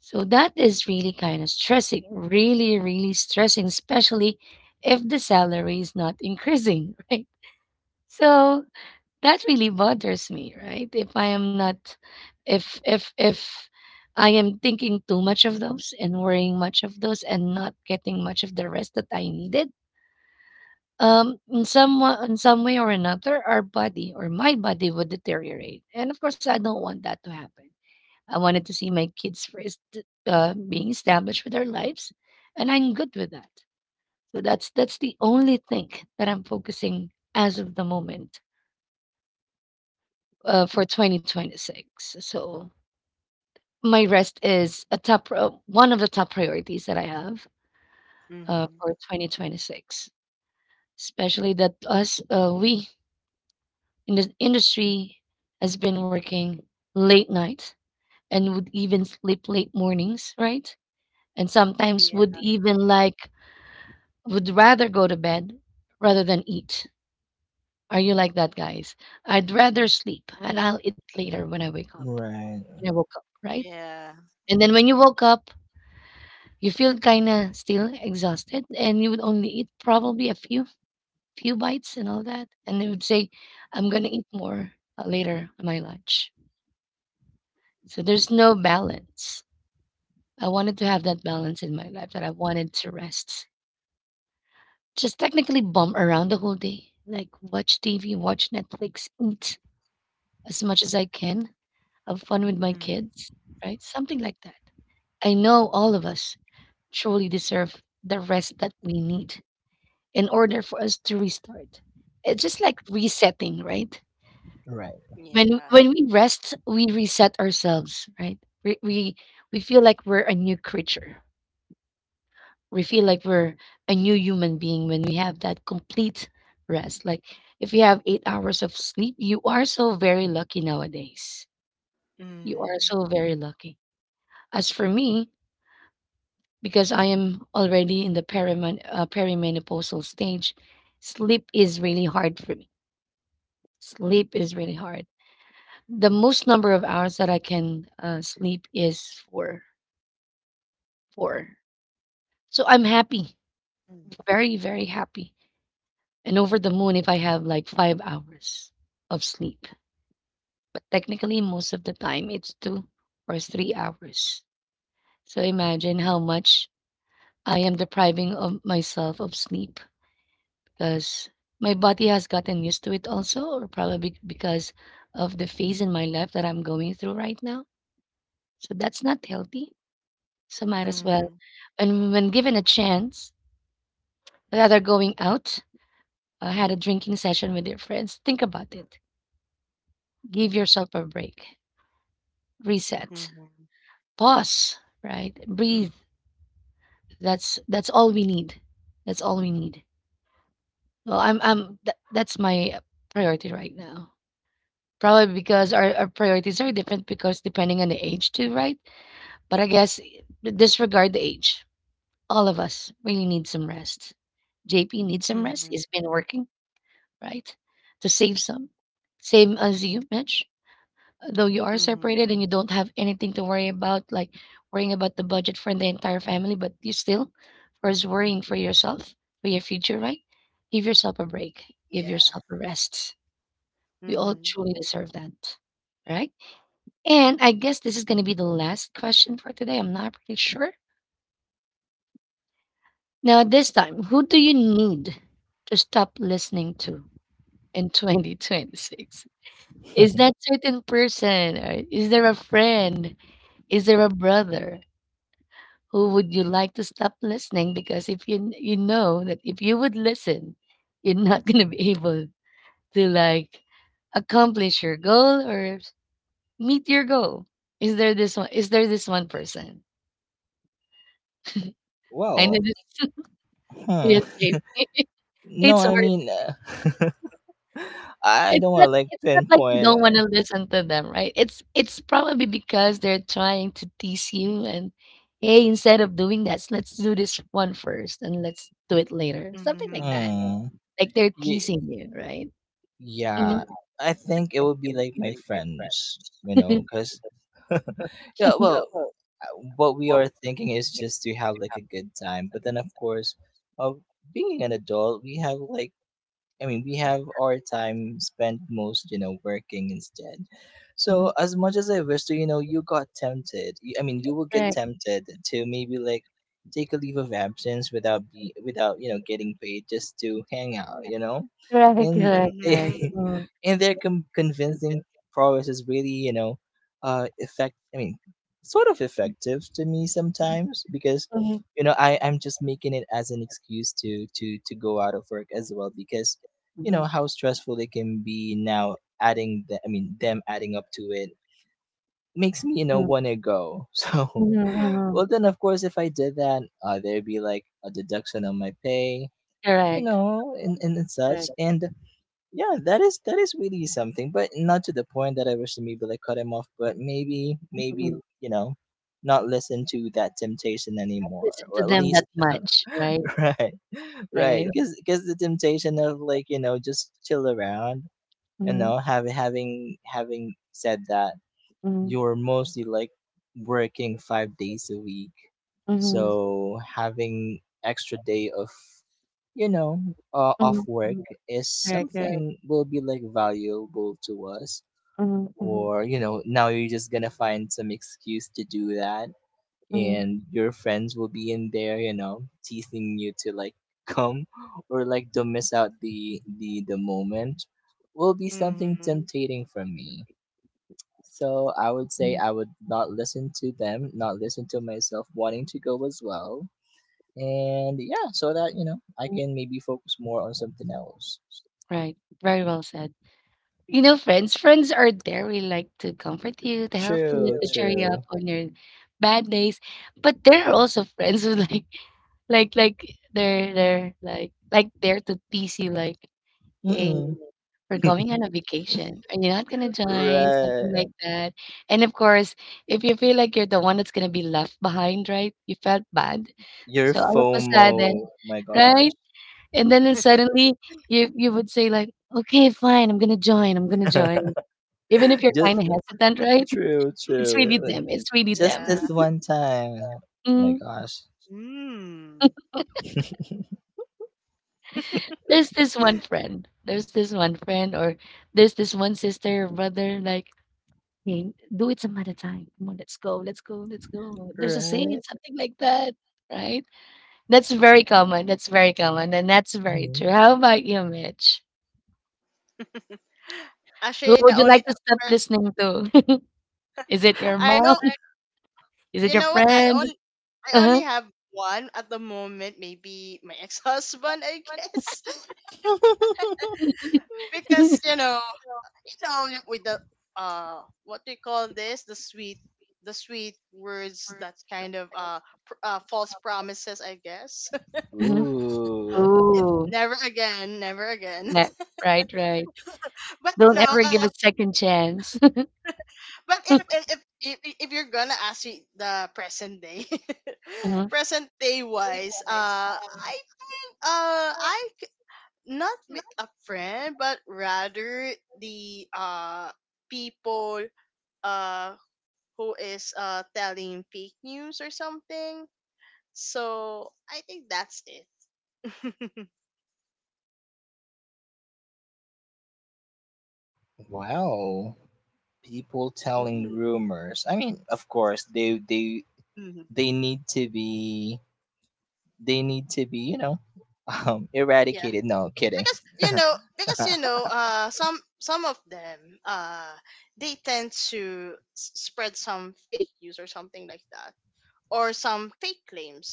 Speaker 1: So that is really kind of stressing, really, really stressing, especially if the salary is not increasing, *laughs* right? So that really bothers me, right? If I am not, if, I am thinking too much of those and worrying much of those and not getting much of the rest that I needed. In some in some way or another, our body or my body would deteriorate, and of course, I don't want that to happen. I wanted to see my kids first being established with their lives, and I'm good with that. So that's the only thing that I'm focusing as of the moment for 2026. So my rest is a top one of the top priorities that I have
Speaker 2: mhm.
Speaker 1: for 2026. Especially that us we in the industry has been working late night and would even sleep late mornings, right? And sometimes would
Speaker 2: Yeah.
Speaker 1: even like would rather go to bed rather than eat. Are you like that, guys? I'd rather sleep and I'll eat later when I wake up.
Speaker 3: Right,
Speaker 1: When I woke up, right?
Speaker 2: yeah
Speaker 1: And then when you woke up, you feel kind of still exhausted and you would only eat probably a few few bites and all that and they would say I'm going to eat more later on my lunch. So there's no balance. I wanted to have that balance in my life that I wanted to rest. Just technically bum around the whole day, like watch TV, watch Netflix, eat as much as I can, have fun with my
Speaker 2: Mhm,
Speaker 1: kids, right? Something like that. I know all of us truly deserve the rest that we need in order for us to restart. It's just like resetting, right?
Speaker 3: right.
Speaker 2: yeah.
Speaker 1: When we rest, we reset ourselves, right? We feel like we're a new creature. We feel like we're a new human being when we have that complete rest. Like if you have 8 hours of sleep, you are so very lucky nowadays. You are
Speaker 2: mhm,
Speaker 1: so very lucky. As for me, because I am already in the perimenopausal stage, sleep is really hard for me. Sleep is really hard. The most number of hours that I can sleep is four. Four. So I'm happy, very, very happy, and over the moon if I have like 5 hours of sleep. But technically, most of the time, it's 2 or 3 hours. So imagine how much I am depriving of myself of sleep because my body has gotten used to it also, or probably because of the phase in my life that I'm going through right now. So that's not healthy. So might as well.
Speaker 2: mhm,
Speaker 1: And when given a chance, rather going out, had a drinking session with your friends. Think about it. Give yourself a break.
Speaker 2: mhm,
Speaker 1: Reset.
Speaker 2: mhm,
Speaker 1: Pause. Right. Breathe. That's all we need. That's all we need. Well, that's my priority right now. Probably because our priorities are different because depending on the age too, right? But I guess disregard the age. All of us really need some rest. JP needs some rest.
Speaker 2: mhm,
Speaker 1: He's been working, right? To save some. Same as you, Mitch. Though you are
Speaker 2: Mhm.
Speaker 1: separated and you don't have anything to worry about, like worrying about the budget for the entire family, but you still, of course, worrying for yourself, for your future, right? Give yourself a break. Give
Speaker 2: Yeah.
Speaker 1: yourself a rest. We all
Speaker 2: mhm,
Speaker 1: truly deserve that, right? And I guess this is going to be the last question for today. I'm not pretty sure. Now, this time, who do you need to stop listening to in 2026? Is that
Speaker 3: *laughs*
Speaker 1: certain person? Or is there a friend? Is there a brother? Who would you like to stop listening? Because if you you know that if you would listen, you're not going to be able to accomplish your goal or meet your goal. Is there this one? Is there this one person? I know
Speaker 3: Well,
Speaker 1: this. *laughs*
Speaker 3: huh.
Speaker 1: Yes,
Speaker 3: No,
Speaker 1: it's
Speaker 3: I
Speaker 1: hard.
Speaker 3: mean, *laughs* I
Speaker 1: It's
Speaker 3: don't want to,
Speaker 1: not
Speaker 3: like,
Speaker 1: like you
Speaker 3: pinpoint.
Speaker 1: don't wanna listen to them, right? It's probably because they're trying to tease you and, "Hey, instead of doing that, let's do this one first and let's do it later." Something like that.
Speaker 2: mhm,
Speaker 3: Hmm.
Speaker 1: Like they're
Speaker 3: Ye-
Speaker 1: teasing you, right? Mhm,
Speaker 3: yeah, I think it would be, like, my friends, you know, because *laughs* yeah, well, what we are thinking is just to have, like, a good time, but then, of course, of being an adult, we have like I mean, we have our time spent most, you know, working instead.
Speaker 1: mhm.
Speaker 3: So as much as I wish to, you know, you got tempted. I mean, you will get tempted to maybe, like, take a leave of absence without, getting paid just to hang out,
Speaker 1: Correct.
Speaker 3: and they
Speaker 1: Correct.
Speaker 2: mhm,
Speaker 3: *laughs* and their convincing prowess is really, you know, effect. I mean, sort of effective to me sometimes because,
Speaker 1: Mhm,
Speaker 3: I'm just making it as an excuse to go out of work as well because,
Speaker 1: mhm,
Speaker 3: how stressful it can be. Now, adding I mean, them adding up to it makes me,
Speaker 1: mm,
Speaker 3: want to go. *laughs* So,
Speaker 1: mhm, mhm.
Speaker 3: well, then, of course, if I did that, there'd be, like, a deduction on my pay,
Speaker 1: Correct,
Speaker 3: and such,
Speaker 1: correct.
Speaker 3: and yeah, that is really something, but not to the point that I wish to maybe, like, cut him off, but maybe maybe
Speaker 1: Mhm.
Speaker 3: you know not listen to that temptation anymore,
Speaker 1: Listen
Speaker 3: or
Speaker 1: to
Speaker 3: at
Speaker 1: them
Speaker 3: least.
Speaker 1: that much, right?
Speaker 3: *laughs* Right,
Speaker 1: Right.
Speaker 3: right, because the temptation of, like, just chill around,
Speaker 1: Mhm,
Speaker 3: have having having said that,
Speaker 1: mhm,
Speaker 3: you're mostly, like, working 5 days a week, so
Speaker 1: mhm,
Speaker 3: having extra day of, you know off
Speaker 1: mhm,
Speaker 3: work
Speaker 1: mhm.
Speaker 3: is
Speaker 1: Correct, correct.
Speaker 3: something will be, like, valuable to us,
Speaker 1: Mhm, mhm.
Speaker 3: or, now you're just gonna find some excuse to do that,
Speaker 1: Mm,
Speaker 3: and your friends will be in there, you know, teasing you to, like, come *laughs* or, like, don't miss out the moment. Will be something
Speaker 2: mhm.
Speaker 3: tempting for me. So I would say
Speaker 1: mhm.
Speaker 3: I would not listen to them, not listen to myself wanting to go as well. And yeah, so that, I can maybe focus more on something else.
Speaker 1: Right. Very well said. You know, friends, friends are there. We like to comfort you, to help
Speaker 3: True,
Speaker 1: cheer you
Speaker 3: true.
Speaker 1: up on your bad days. But there are also *laughs* friends who *laughs* like they're like there to tease you, like, hey,
Speaker 3: Mm-mm.
Speaker 1: we're going on a vacation, and you're not gonna join, something
Speaker 3: Right.
Speaker 1: like that. And of course, if you feel like you're the one that's gonna be left behind, right? You felt bad,
Speaker 3: Your
Speaker 1: so all of a sudden,
Speaker 3: FOMO. My gosh.
Speaker 1: right? And then suddenly you would say like, "Okay, fine, I'm gonna join, I'm gonna join." Even if
Speaker 3: *laughs*
Speaker 1: you're
Speaker 3: Just
Speaker 1: kinda hesitant, right? *laughs*
Speaker 2: *laughs*
Speaker 3: true,
Speaker 1: It's
Speaker 3: true.
Speaker 1: really true. It's really
Speaker 3: Just
Speaker 1: them.
Speaker 2: Yeah.
Speaker 3: this one time. Oh my
Speaker 1: Mm,
Speaker 3: gosh.
Speaker 2: mm.
Speaker 1: there's this one
Speaker 2: *laughs*
Speaker 1: friend, there's this one friend or there's this one sister or brother like, "Hey, do it some other time. Come on, let's go, let's go, let's go. There's a
Speaker 3: Right?
Speaker 1: saying," something like that, right? That's very common, and that's very
Speaker 3: Mhm.
Speaker 1: true. How about you, Mitch? Who
Speaker 2: Actually, the
Speaker 1: would you
Speaker 2: only
Speaker 1: like to stop
Speaker 2: person
Speaker 1: listening to? *laughs* Is it
Speaker 2: *laughs*
Speaker 1: your
Speaker 2: I
Speaker 1: mom?
Speaker 2: know
Speaker 1: Is it
Speaker 2: You
Speaker 1: your
Speaker 2: know what?
Speaker 1: friend?
Speaker 2: I only
Speaker 1: Uh-huh.
Speaker 2: have one at the moment. Maybe my *laughs* ex-husband, I guess,
Speaker 3: *laughs*
Speaker 2: *laughs*
Speaker 1: *laughs*
Speaker 2: because you know, with the what do you call this? The sweet words, that kind of false promises, I guess.
Speaker 1: Mhm.
Speaker 3: Ooh.
Speaker 2: *laughs* It's
Speaker 1: Oh,
Speaker 2: never again, never again.
Speaker 1: snap. Right, right.
Speaker 2: *laughs* But you
Speaker 1: Don't
Speaker 2: know,
Speaker 1: ever give second chance. *laughs*
Speaker 2: but if you're gonna ask me the present day,
Speaker 1: Mhm,
Speaker 2: *laughs* present day wise, I, not with a friend, but rather the people uh
Speaker 1: mhm,
Speaker 2: who is telling fake news or something.
Speaker 1: uh-huh,
Speaker 2: So I think that's it. *laughs*
Speaker 1: mhm,
Speaker 3: Wow. People telling
Speaker 2: Mm-hmm.
Speaker 3: rumors. I mean, of course, they need to be, *laughs*
Speaker 2: Yeah,
Speaker 3: eradicated. No, kidding.
Speaker 1: mhm,
Speaker 2: because you
Speaker 3: *laughs*
Speaker 2: know, some of them, uh, they tend to spread some fake news or something like that, or some fake claims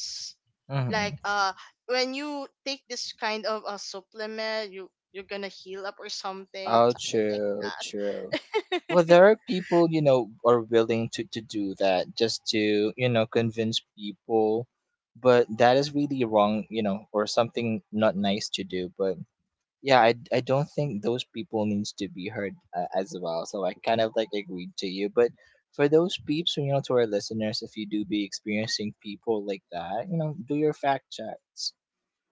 Speaker 3: Hmm.
Speaker 2: like when you take this kind of a
Speaker 1: mhm,
Speaker 2: supplement, you you're gonna heal up or something,
Speaker 3: Oh,
Speaker 2: something like
Speaker 3: true,
Speaker 2: that.
Speaker 3: true. Well, there are people, are willing to
Speaker 1: uh-huh,
Speaker 3: do that just to, convince people, but that is really wrong, or something not nice to do. But yeah, I don't think those people needs to be heard, as well, so I kind of, like, agreed to you. But for those peeps, to our
Speaker 1: mhm,
Speaker 3: listeners, if you do be experiencing people like that, do your fact checks,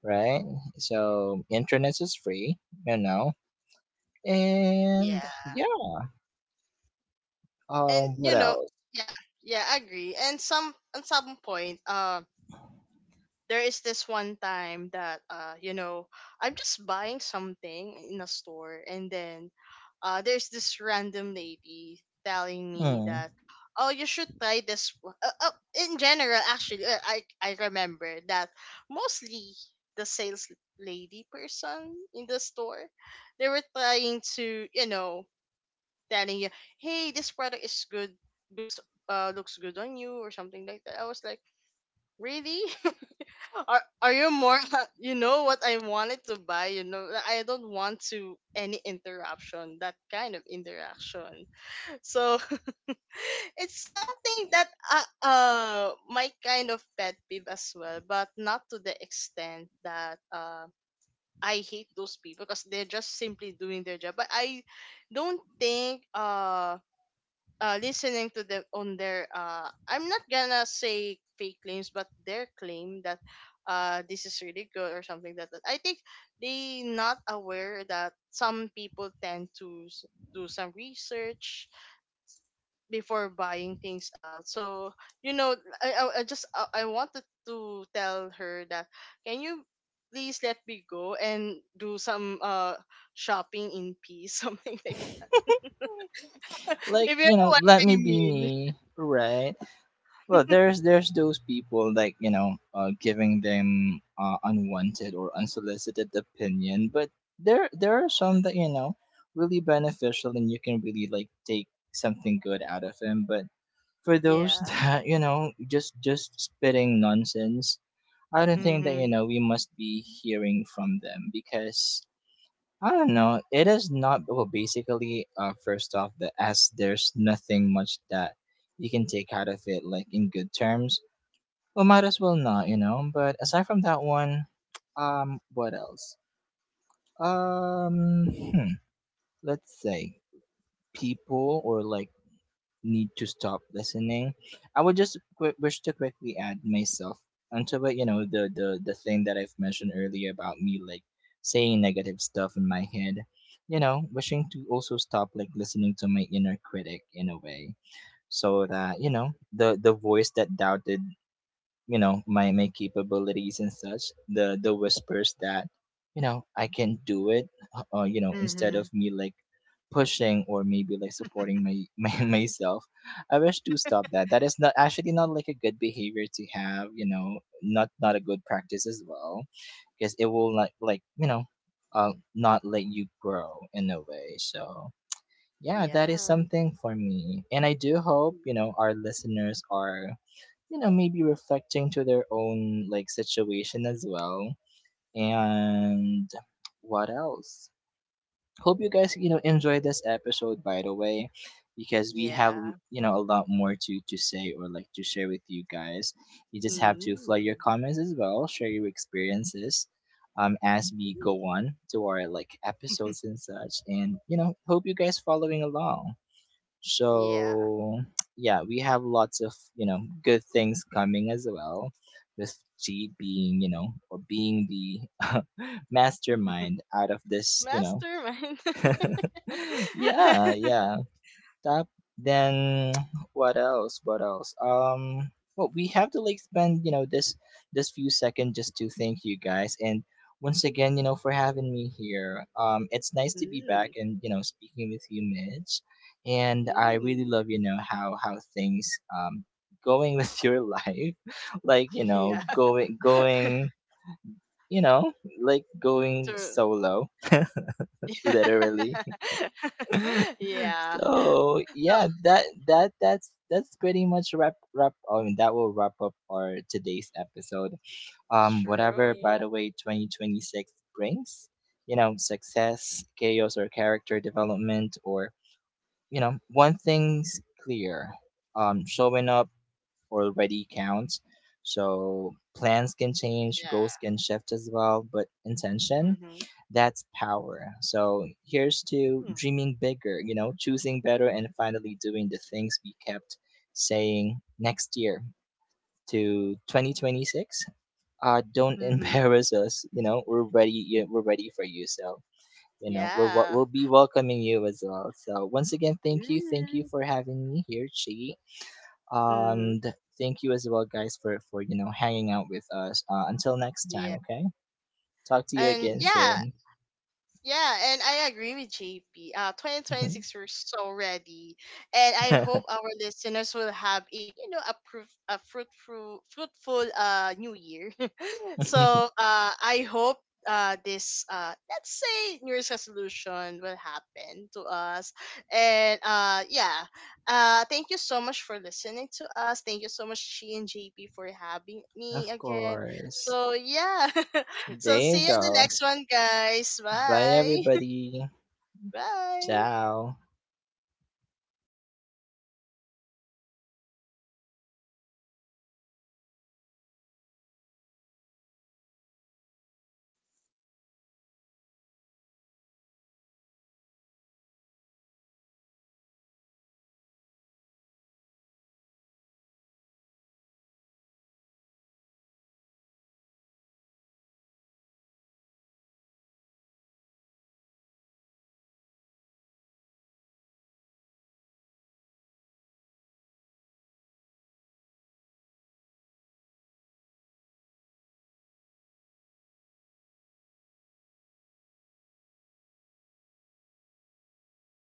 Speaker 3: right? So internet is free, you know
Speaker 2: *laughs*
Speaker 3: and
Speaker 2: Yeah.
Speaker 3: yeah.
Speaker 1: mhm,
Speaker 2: And
Speaker 3: What
Speaker 2: you know,
Speaker 3: else?
Speaker 2: yeah, yeah, I agree. And some at some point there is this one time that you know, I'm just buying
Speaker 1: mhm.
Speaker 2: something in a store, and then there's this random
Speaker 1: Yes.
Speaker 2: lady telling me
Speaker 3: Hmm.
Speaker 2: that oh, you should try this in general. Actually, I remember that mostly the sales
Speaker 1: Mhm.
Speaker 2: lady person in the store, they were trying to, you know, telling you, hey, this product is good,
Speaker 1: Alright.
Speaker 2: good, looks good on you or something like that. I was like, really? *laughs* Are you more *laughs* you know what I wanted to buy, you know? Like, I don't want to any interruption, that kind of interaction. So *laughs* it's something that my kind of pet peeve as well, but not to the extent that I hate those people because they're just simply doing their job. But I don't think listening to them on their I'm not gonna say fake claims, but their claim that this is really good or something like that. I think they not aware that some people tend to do some research before buying things out. So you know, I just I wanted to tell her that can you please let me go and do some shopping in peace *laughs* something like that. *laughs*
Speaker 3: Like,
Speaker 2: If you know what
Speaker 3: let me
Speaker 2: I
Speaker 3: be
Speaker 2: mean.
Speaker 3: me, right? Well,
Speaker 2: *laughs*
Speaker 3: there's those people, like, giving them, unwanted or unsolicited opinion. But there are some that, really beneficial and you can really, like, take something good out of them. But for those *laughs*
Speaker 2: yeah
Speaker 3: that, just spitting nonsense, I don't think that,
Speaker 2: Mhm.
Speaker 3: we must be hearing from them because I don't know. It is not well. Basically, first off, there's nothing much that you can take out of it, like, in good terms. Well, might as well not. But aside from that one, what else? Um, hmm, let's say people or, like, need to stop listening. I would just wish to quickly add myself onto it. You know, the thing that I've mentioned earlier about me, like, saying negative stuff in my head. You know, wishing to also stop, like, listening to my inner critic in a way, so that, the voice that doubted, my capabilities and such, the whispers that, I can do it, instead of
Speaker 2: Mhm.
Speaker 3: me, like, pushing or maybe, like, supporting *laughs* my myself. I wish to stop that. That is not actually, not, like, a good behavior to have, not, a good practice as well, because it will like not let you grow in a way. So yeah, that is
Speaker 2: Yeah.
Speaker 3: something for me, and I do hope, our listeners are, maybe reflecting to their own, like, situation as well. And what else? Hope you guys, enjoy this episode, by the way, because we have,
Speaker 2: Yeah.
Speaker 3: a lot more to say or, like, to share with you guys. You just have to flood your
Speaker 2: Mm.
Speaker 3: comments as well, share your experiences, as we go
Speaker 2: Mm.
Speaker 3: on to our, like, episodes and such. And, hope you guys following along.
Speaker 2: Yeah.
Speaker 3: So yeah, we have lots of, good things coming as well, with G being, or being the *laughs* mastermind out of this.
Speaker 2: Mastermind.
Speaker 3: *laughs* Yeah,
Speaker 2: *laughs*
Speaker 3: yeah. That, then, *tsk* what else? What else? Well, we have to, like, spend, this few seconds just to thank you guys. And once again, for having me here. It's nice to be
Speaker 2: Mm.
Speaker 3: back, and, speaking with you, Mitch. And I really
Speaker 2: Mm.
Speaker 3: love, how things, um going with *laughs* your life. Like,
Speaker 2: *laughs* Yeah.
Speaker 3: going, you know, like, going
Speaker 2: True.
Speaker 3: solo, literally. *laughs*
Speaker 2: *laughs* Yeah.
Speaker 3: So
Speaker 2: So
Speaker 3: yeah, that's pretty much wrap. I mean, that will wrap up our today's episode. Whatever, by
Speaker 2: true.
Speaker 3: the way, 2026 brings, success, chaos, or character development, or, one thing's clear. Showing up already counts. So plans can change, goals
Speaker 2: Yeah.
Speaker 3: can shift as well, but intention,
Speaker 2: Mhm.
Speaker 3: that's power. So here's to
Speaker 2: Mm.
Speaker 3: dreaming bigger, choosing better, and finally doing the things we kept saying next year to 2026. Don't *laughs*
Speaker 2: Mhm.
Speaker 3: embarrass us, you know, we're ready, yeah, we're ready for you. So,
Speaker 2: Yeah.
Speaker 3: we'll be welcoming you as well. So, once again, thank you. Thank you
Speaker 2: Mm.
Speaker 3: for having me here, Chi.
Speaker 2: Mhm.
Speaker 3: And thank you as well, guys, for, hanging out with us. Until next time,
Speaker 2: Yeah.
Speaker 3: okay? Talk to you
Speaker 2: And
Speaker 3: again
Speaker 2: yeah.
Speaker 3: soon.
Speaker 2: Yeah, and I agree with JP. 2026, we're so ready. And I hope our listeners will have a, you know, a a fruitful, fruitful new year. *laughs*
Speaker 3: *laughs*
Speaker 2: So I hope let's say, New Year's resolution will happen to us. And yeah, thank you so much for listening to us. Thank you so much, She and JP, for having me
Speaker 3: Of
Speaker 2: again.
Speaker 3: course.
Speaker 2: So yeah. *laughs* So
Speaker 3: There
Speaker 2: see
Speaker 3: you
Speaker 2: you in the
Speaker 3: go.
Speaker 2: next one, guys.
Speaker 3: Bye,
Speaker 2: Bye.
Speaker 3: everybody.
Speaker 2: Bye.
Speaker 3: Ciao.